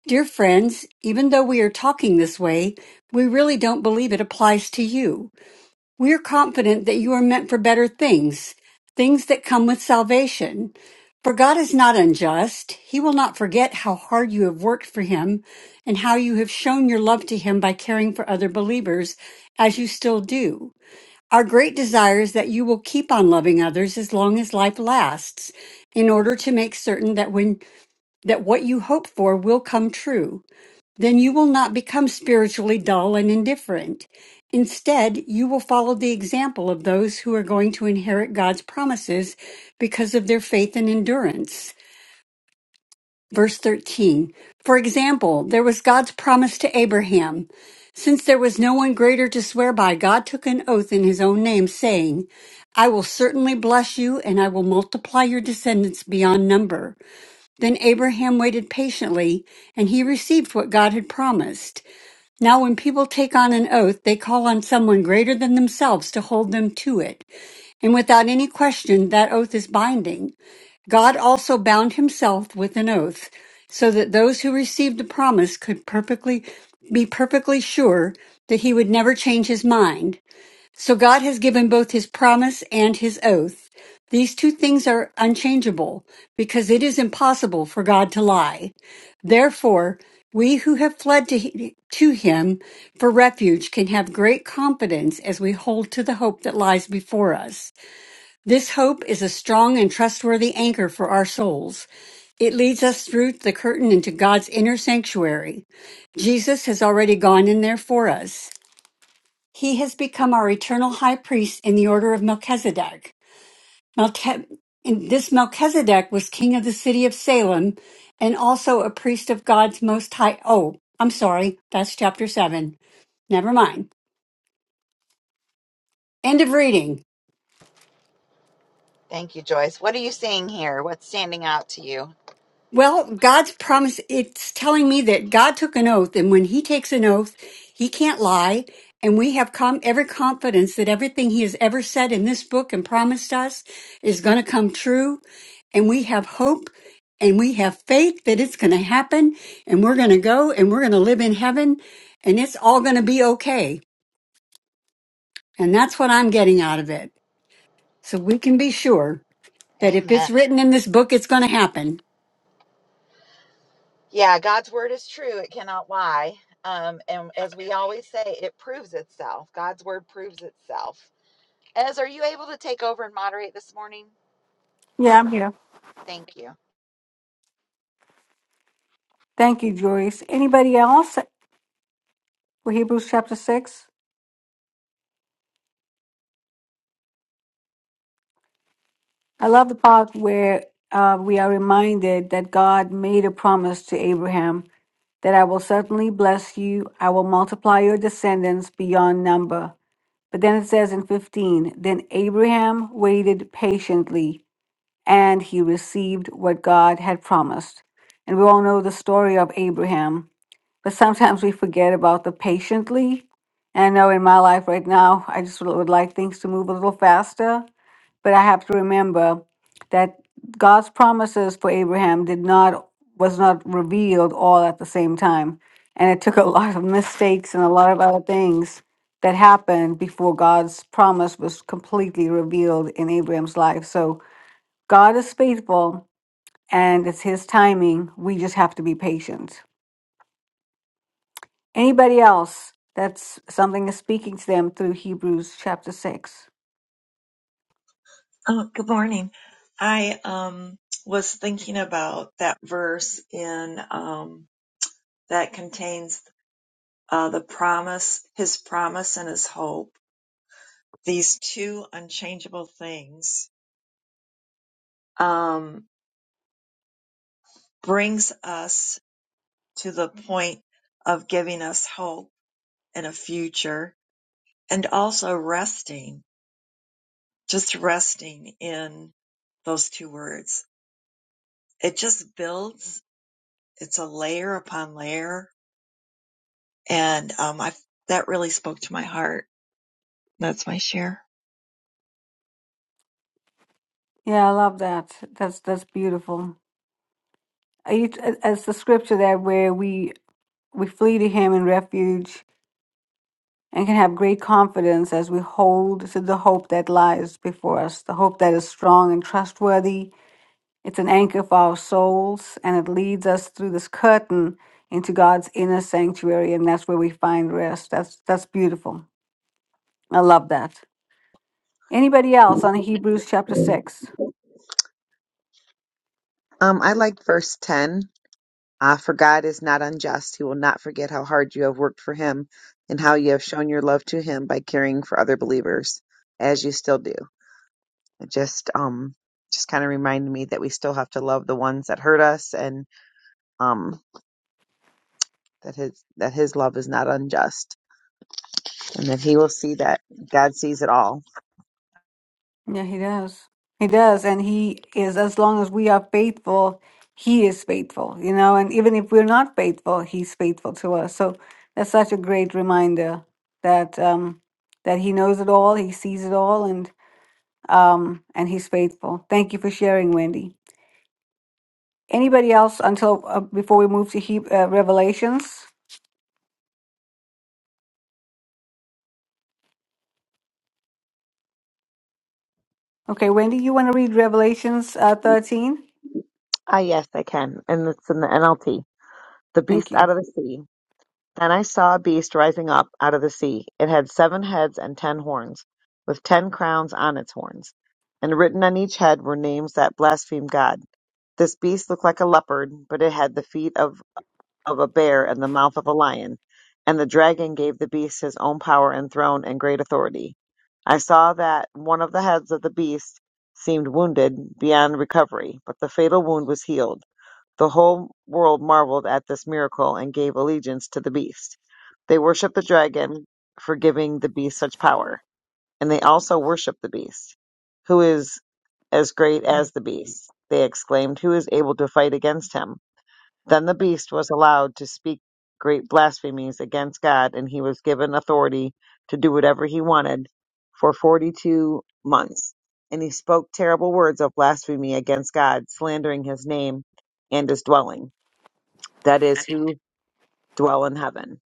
S5: Dear friends, even though we are talking this way, we really don't believe it applies to you. We are confident that you are meant for better things, things that come with salvation. For God is not unjust. He will not forget how hard you have worked for Him and how you have shown your love to Him by caring for other believers, as you still do. Our great desire is that you will keep on loving others as long as life lasts, in order to make certain that when that what you hope for will come true then you will not become spiritually dull and indifferent. Instead, you will follow the example of those who are going to inherit God's promises because of their faith and endurance. Verse 13. For example, there was God's promise to Abraham. Since there was no one greater to swear by, God took an oath in his own name, saying, I will certainly bless you, and I will multiply your descendants beyond number. Then Abraham waited patiently, and he received what God had promised. Now, when people take on an oath, they call on someone greater than themselves to hold them to it. And without any question, that oath is binding. God also bound himself with an oath so that those who received the promise could perfectly be perfectly sure that he would never change his mind. So God has given both his promise and his oath. These two things are unchangeable because it is impossible for God to lie. Therefore, we who have fled to, to him for refuge can have great confidence as we hold to the hope that lies before us. This hope is a strong and trustworthy anchor for our souls. It leads us through the curtain into God's inner sanctuary. Jesus has already gone in there for us. He has become our eternal high priest in the order of Melchizedek. Melche- and this Melchizedek was king of the city of Salem and also a priest of God's most high. Oh, I'm sorry. That's chapter seven. Never mind. End of reading.
S1: Thank you, Joyce. What are you seeing here? What's standing out to you?
S5: Well, God's promise, it's telling me that God took an oath, and when he takes an oath, he can't lie. And we have com- every confidence that everything he has ever said in this book and promised us is going to come true. And we have hope and we have faith that it's going to happen. And we're going to go and we're going to live in heaven and it's all going to be okay. And that's what I'm getting out of it. So we can be sure that if
S1: Amen.
S5: it's written in this book, it's going to happen.
S1: Yeah, God's word is true. It cannot lie. Um, and as we always say, it proves itself. God's word proves itself. Ez, are you able to take over and moderate this morning?
S3: Yeah, I'm here.
S1: Thank you.
S3: Thank you, Joyce. Anybody else for Hebrews chapter 6? I love the part where uh, we are reminded that God made a promise to Abraham that I will certainly bless you, I will multiply your descendants beyond number. But then it says in 15, then Abraham waited patiently and he received what God had promised. And we all know the story of Abraham. but sometimes we forget about the patiently. And I know in my life right now, I just would would like things to move a little faster, but I have to remember that God's promises for Abraham did not was not revealed all at the same time, and it took a lot of mistakes and a lot of other things that happened before God's promise was completely revealed in Abraham's life. So God is faithful, and it's His timing. We just have to be patient. Anybody else that's something is speaking to them through Hebrews chapter 6.
S2: Oh, good morning. I um, was thinking about that verse in um, that contains uh, the promise, his promise and his hope these two unchangeable things um, brings us to the point of giving us hope and a future and also resting, just resting in those two words. It just builds. It's a layer upon layer. And, um, I, that really spoke to my heart. That's my share.
S3: Yeah, I love that. That's that's beautiful. Are you- It's the scripture that where we we flee to him in refuge and can have great confidence as we hold to the hope that lies before us, the hope that is strong and trustworthy. It's an anchor for our souls and it leads us through this curtain into God's inner sanctuary and that's where we find rest. That's that's beautiful. I love that. Anybody else on Hebrews chapter 6?
S9: Um, I like verse 10. Ah, for God is not unjust. He will not forget how hard you have worked for him and how you have shown your love to him by caring for other believers as you still do. It just, um, just kind of reminded me that we still have to love the ones that hurt us and, um, that his, that his love is not unjust and that he will see that God sees it all.
S3: Yeah, he does. He does. And he is, as long as we are faithful, he is faithful, you know. And even if we're not faithful, he's faithful to us. So that's such a great reminder that, um, that he knows it all, he sees it all, and, um, and he's faithful. Thank you for sharing, Wendy. Anybody else until uh, before we move to he- uh, Revelations? Okay, Wendy, you want to read Revelations uh, 13?
S9: Ah, yes, I can. And it's in the NLT. The
S3: Thank
S9: beast
S3: you.
S9: out of the sea. Then I saw a beast rising up out of the sea. It had seven heads and ten horns, with ten crowns on its horns. And written on each head were names that blasphemed God. This beast looked like a leopard, but it had the feet of of a bear and the mouth of a lion. And the dragon gave the beast his own power and throne and great authority. I saw that one of the heads of the beast seemed wounded beyond recovery, but the fatal wound was healed. The whole world marveled at this miracle and gave allegiance to the beast. They worshiped the dragon for giving the beast such power, and they also worshiped the beast, who is as great as the beast. They exclaimed, Who is able to fight against him? Then the beast was allowed to speak great blasphemies against God, and he was given authority to do whatever he wanted for 42 months. And he spoke terrible words of blasphemy against God, slandering his name and his dwelling, that is, who dwell in heaven.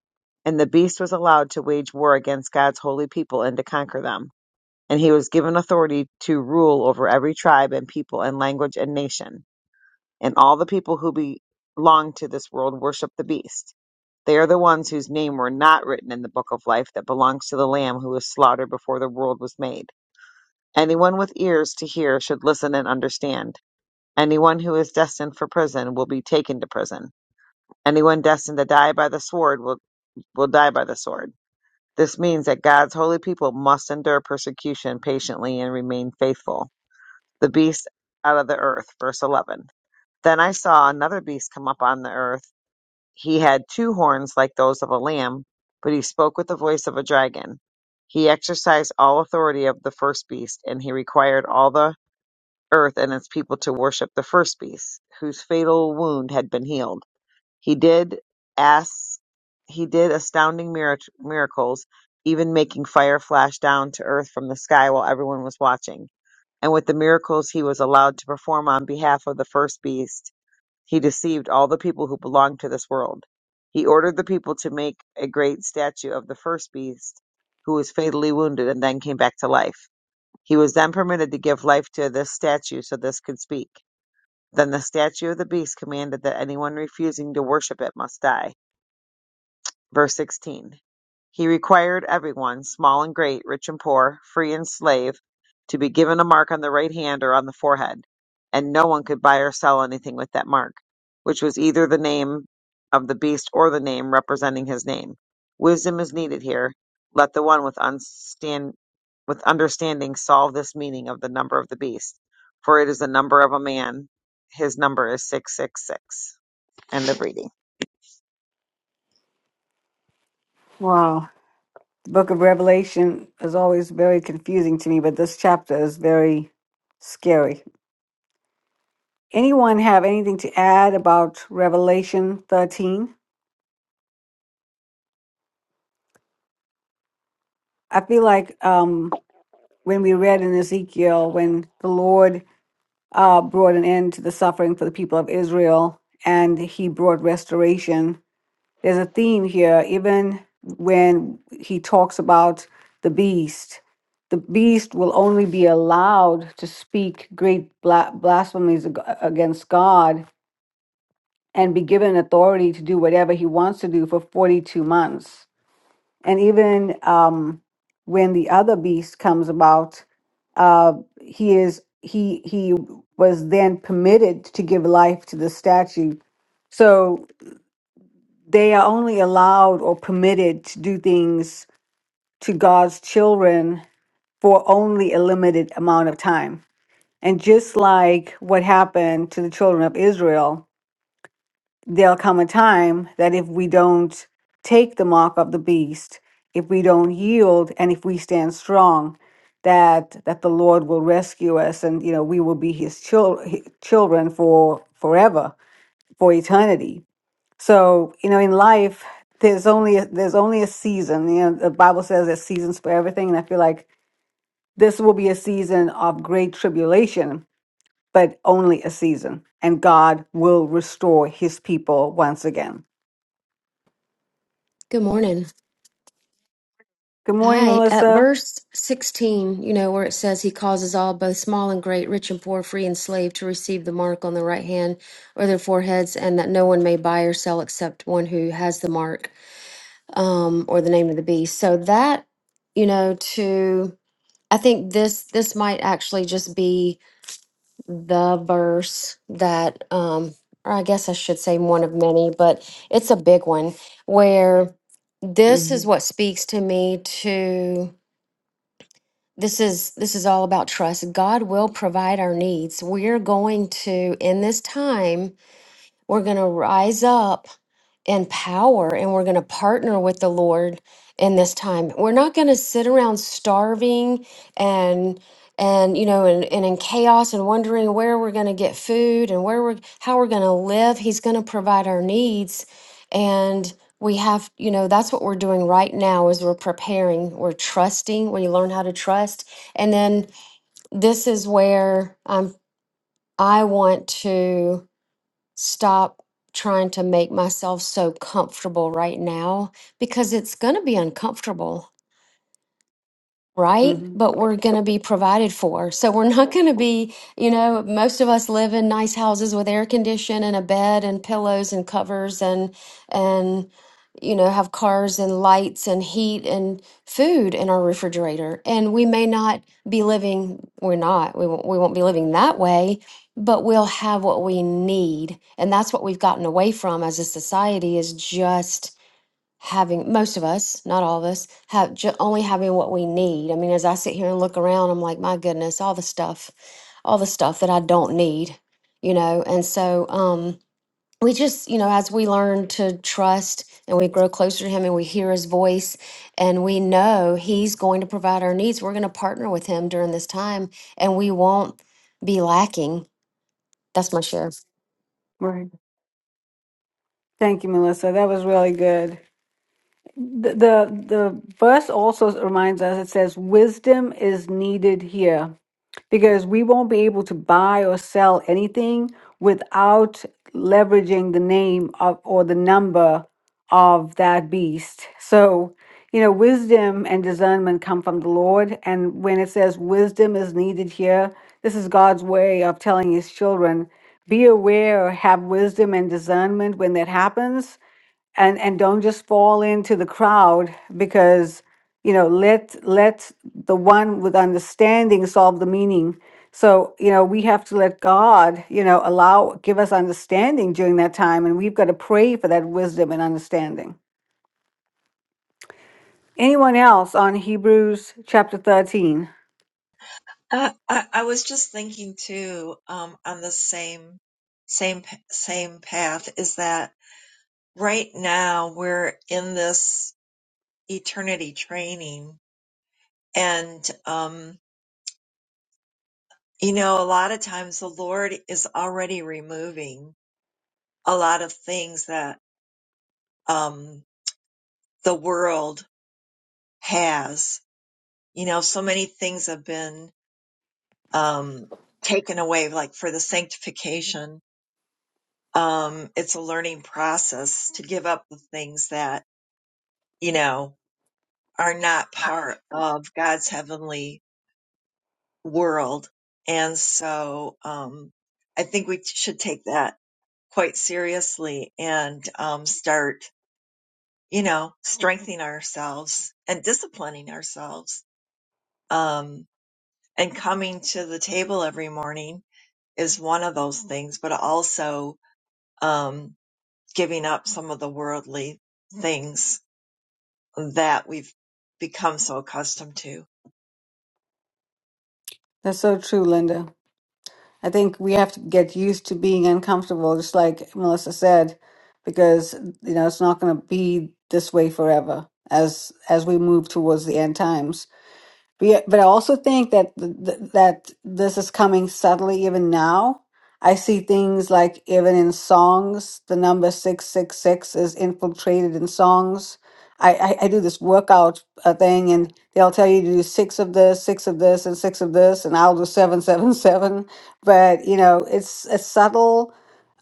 S9: And the beast was allowed to wage war against God's holy people and to conquer them. And he was given authority to rule over every tribe and people and language and nation and all the people who belong to this world worship the beast. They are the ones whose name were not written in the book of life that belongs to the Lamb who was slaughtered before the world was made. Anyone with ears to hear should listen and understand. Anyone who is destined for prison will be taken to prison. Anyone destined to die by the sword will, will die by the sword. This means that God's holy people must endure persecution patiently and remain faithful. The beast out of the earth, verse 11. Then I saw another beast come up on the earth He had two horns like those of a lamb, but he spoke with the voice of a dragon. He exercised all authority of the first beast, and he required all the earth and its people to worship the first beast, whose fatal wound had been healed. He did ask, he did astounding mirac- miracles, even making fire flash down to earth from the sky while everyone was watching. And with the miracles he was allowed to perform on behalf of the first beast, he deceived all the people who belonged to this world. He ordered the people to make a great statue of the first beast who was fatally wounded and then came back to life. He was then permitted to give life to this statue so this could speak. Then the statue of the beast commanded that anyone refusing to worship it must die. Verse 16 He required everyone, small and great, rich and poor, free and slave, to be given a mark on the right hand or on the forehead, and no one could buy or sell anything with that mark, which was either the name of the beast or the name representing his name. Wisdom is needed here. Let the one with, unstand, with understanding solve this meaning of the number of the beast, for it is the number of a man. His number is 666. End of reading.
S3: Wow. The book of Revelation is always very confusing to me, but this chapter is very scary. Anyone have anything to add about Revelation 13? I feel like um, when we read in Ezekiel, when the Lord uh, brought an end to the suffering for the people of Israel and he brought restoration there's a theme here, even when he talks about the beast. The beast will only be allowed to speak great bla- blasphemies ag- against God and be given authority to do whatever he wants to do for 42 months. And even um, when the other beast comes about, uh, he is he he was then permitted to give life to the statue. So they are only allowed or permitted to do things to God's children for only a limited amount of time. And just like what happened to the children of Israel, there'll come a time that if we don't take the mark of the beast, if we don't yield and if we stand strong, that that the Lord will rescue us and you know we will be his chil- hi- children for forever, for eternity. So, you know, in life there's only a, there's only a season. You know, the Bible says there's seasons for everything and I feel like This will be a season of great tribulation, but only a season, and God will restore his people once again.
S10: Good morning.
S3: Good morning,
S10: Hi. At
S3: Melissa.
S10: verse 16, you know, where it says, He causes all, both small and great, rich and poor, free and slave, to receive the mark on their right hand or their foreheads, and that no one may buy or sell except one who has the mark um, or the name of the beast. So that, you know, to, I think this, this might actually just be. the verse that um or I guess I should say one of many, but it's a big one where this
S3: hmm
S10: is what speaks to me to this is this is all about trust. God will provide our needs. We're going to in this time we're going to rise up in power and we're going to partner with the Lord in this time. We're not going to sit around starving and and you know and, and in chaos and wondering where we're going to get food and where we're how we're going to live he's going to provide our needs and we have you know that's what we're doing right now is we're preparing we're trusting we learn how to trust and then this is where i'm i want to stop trying to make myself so comfortable right now because it's going to be uncomfortable right?
S3: hmm
S10: But we're going to be provided for. So we're not going to be, you know, most of us live in nice houses with air condition and a bed and pillows and covers and and you know, have cars and lights and heat and food in our refrigerator. And we may not be living, we're not, we won't, we won't be living that way, but we'll have what we need. And that's what we've gotten away from as a society is just having most of us not all of us have ju- only having what we need i mean as i sit here and look around i'm like my goodness all the stuff all the stuff that i don't need you know and so um we just you know as we learn to trust and we grow closer to him and we hear his voice and we know he's going to provide our needs we're going to partner with him during this time and we won't be lacking that's my share
S3: Right. Thank you, Melissa. That was really good. The, the the verse also reminds us it says wisdom is needed here because we won't be able to buy or sell anything without leveraging the name of or the number of that beast. So, you know, wisdom and discernment come from the Lord. And when it says wisdom is needed here, this is God's way of telling his children be aware, have wisdom and discernment when that happens and and don't just fall into the crowd because you know let let the one with understanding solve the meaning so you know we have to let god you know allow give us understanding during that time and we've got to pray for that wisdom and understanding anyone else on hebrews chapter 13
S2: Uh, I, I was just thinking too, um, on the same, same, same path is that right now we're in this eternity training and um you know a lot of times the lord is already removing a lot of things that um the world has you know so many things have been um taken away like for the sanctification um it's a learning process to give up the things that you know are not part of god's heavenly world. And so, um, I think we should take that quite seriously and, um, start, you know, strengthening ourselves and disciplining ourselves. Um, and coming to the table every morning is one of those things, but also, um, giving up some of the worldly things that we've become so accustomed to.
S3: that's so true linda I think we have to get used to being uncomfortable, just like Melissa said, because you know it's not going to be this way forever as as we move towards the end times. But, yeah, but I also think that th- th- that this is coming subtly even now. I see things like even in songs, the number six six six is infiltrated in songs. I, I, I do this workout uh, thing, and they'll tell you to do six of this, six of this, and six of this, and I'll do seven seven seven. But you know, it's a subtle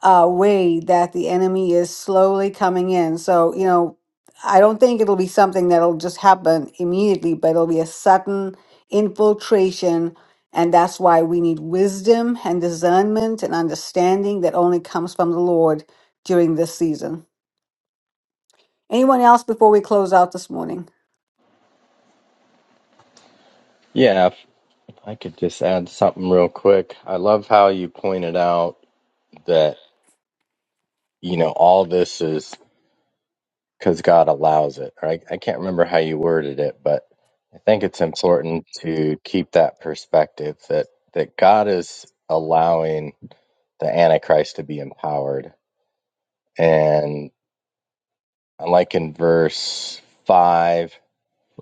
S3: uh, way that the enemy is slowly coming in. So you know, I don't think it'll be something that'll just happen immediately, but it'll be a sudden infiltration. And that's why we need wisdom and discernment and understanding that only comes from the Lord during this season. Anyone else before we close out this morning?
S7: Yeah, if if I could just add something real quick. I love how you pointed out that you know all this is because God allows it. Or I, I can't remember how you worded it, but I think it's important to keep that perspective that that God is allowing the Antichrist to be empowered. And like in verse five,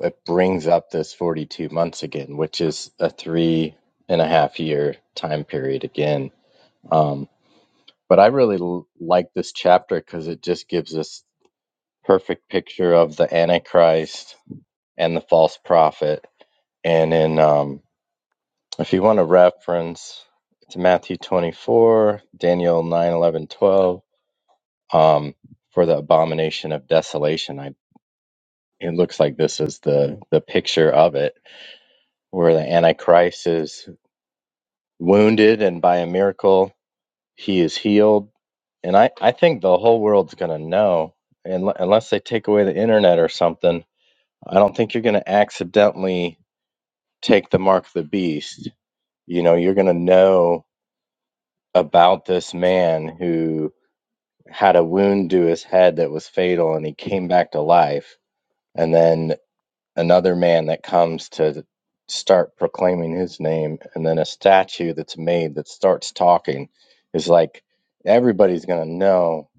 S7: it brings up this 42 months again, which is a three and a half year time period again. Um, but I really l- like this chapter because it just gives us perfect picture of the Antichrist and the false prophet. And in, um, if you want to reference, it's Matthew 24, Daniel 9 11 12, um, for the abomination of desolation. I, it looks like this is the, the picture of it, where the Antichrist is wounded and by a miracle he is healed. And I, I think the whole world's going to know, and unless they take away the internet or something. I don't think you're going to accidentally take the mark of the beast you know you're going to know about this man who had a wound to his head that was fatal and he came back to life and then another man that comes to start proclaiming his name and then a statue that's made that starts talking is like everybody's going to know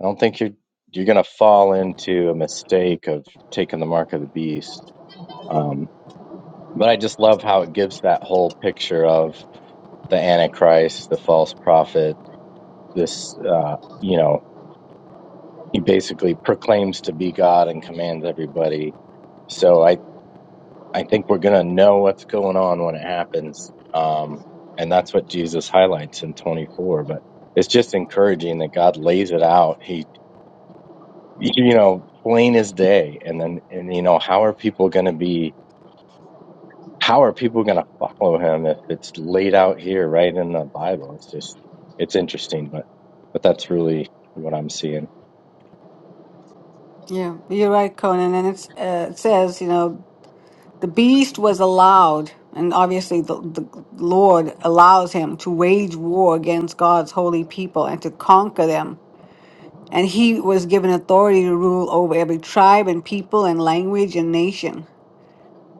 S7: i don't think you're you're going to fall into a mistake of taking the mark of the beast um, but i just love how it gives that whole picture of the antichrist the false prophet this uh, you know he basically proclaims to be god and commands everybody so i i think we're going to know what's going on when it happens um and that's what jesus highlights in 24 but it's just encouraging that god lays it out he you know plain as day and then and you know how are people going to be how are people going to follow him if it's laid out here right in the bible it's just it's interesting but but that's really what i'm seeing
S3: Yeah, you're right, Conan. And it's, uh, it says, you know, the beast was allowed, and obviously the, the Lord allows him to wage war against God's holy people and to conquer them And he was given authority to rule over every tribe and people and language and nation.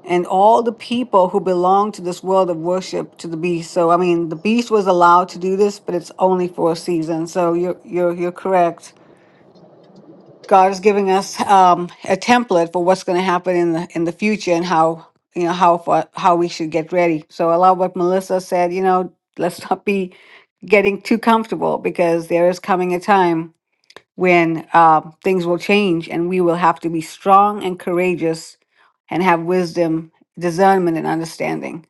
S3: And all the people who belong to this world of worship to the beast. So I mean the beast was allowed to do this, but it's only for a season. So you're you're you're correct. God is giving us um, a template for what's going to happen in the in the future and how you know how far, how we should get ready. So I love what Melissa said. You know, let's not be getting too comfortable because there is coming a time when uh, things will change and we will have to be strong and courageous and have wisdom, discernment, and understanding.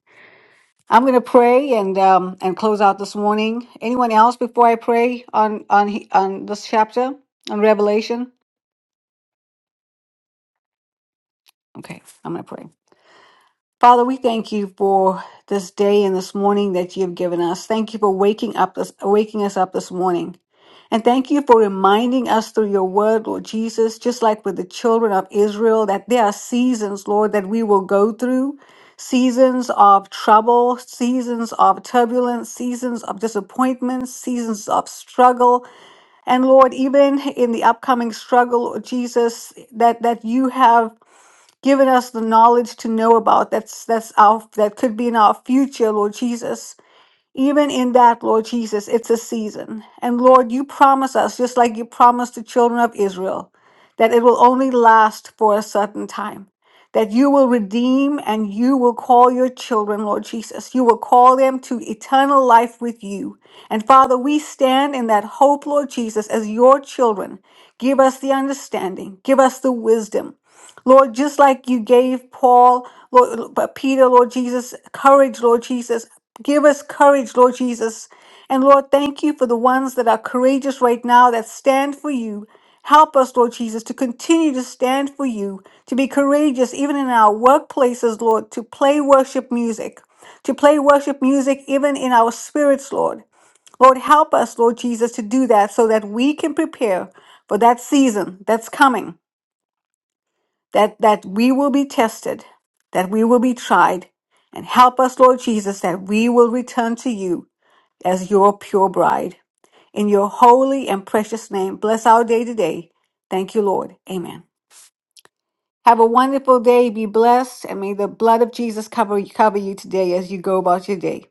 S3: I'm going to pray and um, and close out this morning. Anyone else before I pray on on he- on this chapter on Revelation? Okay, I'm going to pray. Father, we thank you for this day and this morning that you have given us. Thank you for waking up this, waking us up this morning. And thank you for reminding us through your word, Lord Jesus, just like with the children of Israel, that there are seasons, Lord, that we will go through seasons of trouble, seasons of turbulence, seasons of disappointment, seasons of struggle. And Lord, even in the upcoming struggle, Lord Jesus, that, that you have given us the knowledge to know about. That's that's our that could be in our future, Lord Jesus. Even in that, Lord Jesus, it's a season. And Lord, you promise us, just like you promised the children of Israel, that it will only last for a certain time, that you will redeem and you will call your children, Lord Jesus. You will call them to eternal life with you. And Father, we stand in that hope, Lord Jesus, as your children. Give us the understanding, give us the wisdom. Lord, just like you gave Paul, Lord, but Peter, Lord Jesus, courage, Lord Jesus, Give us courage, Lord Jesus. And Lord, thank you for the ones that are courageous right now that stand for you. Help us, Lord Jesus, to continue to stand for you, to be courageous even in our workplaces, Lord, to play worship music, to play worship music even in our spirits, Lord. Lord, help us, Lord Jesus, to do that so that we can prepare for that season that's coming, that, that we will be tested, that we will be tried. And help us, Lord Jesus, that we will return to you as your pure bride. In your holy and precious name, bless our day today. Thank you, Lord. Amen. Have a wonderful day. Be blessed, and may the blood of Jesus cover cover you today as you go about your day.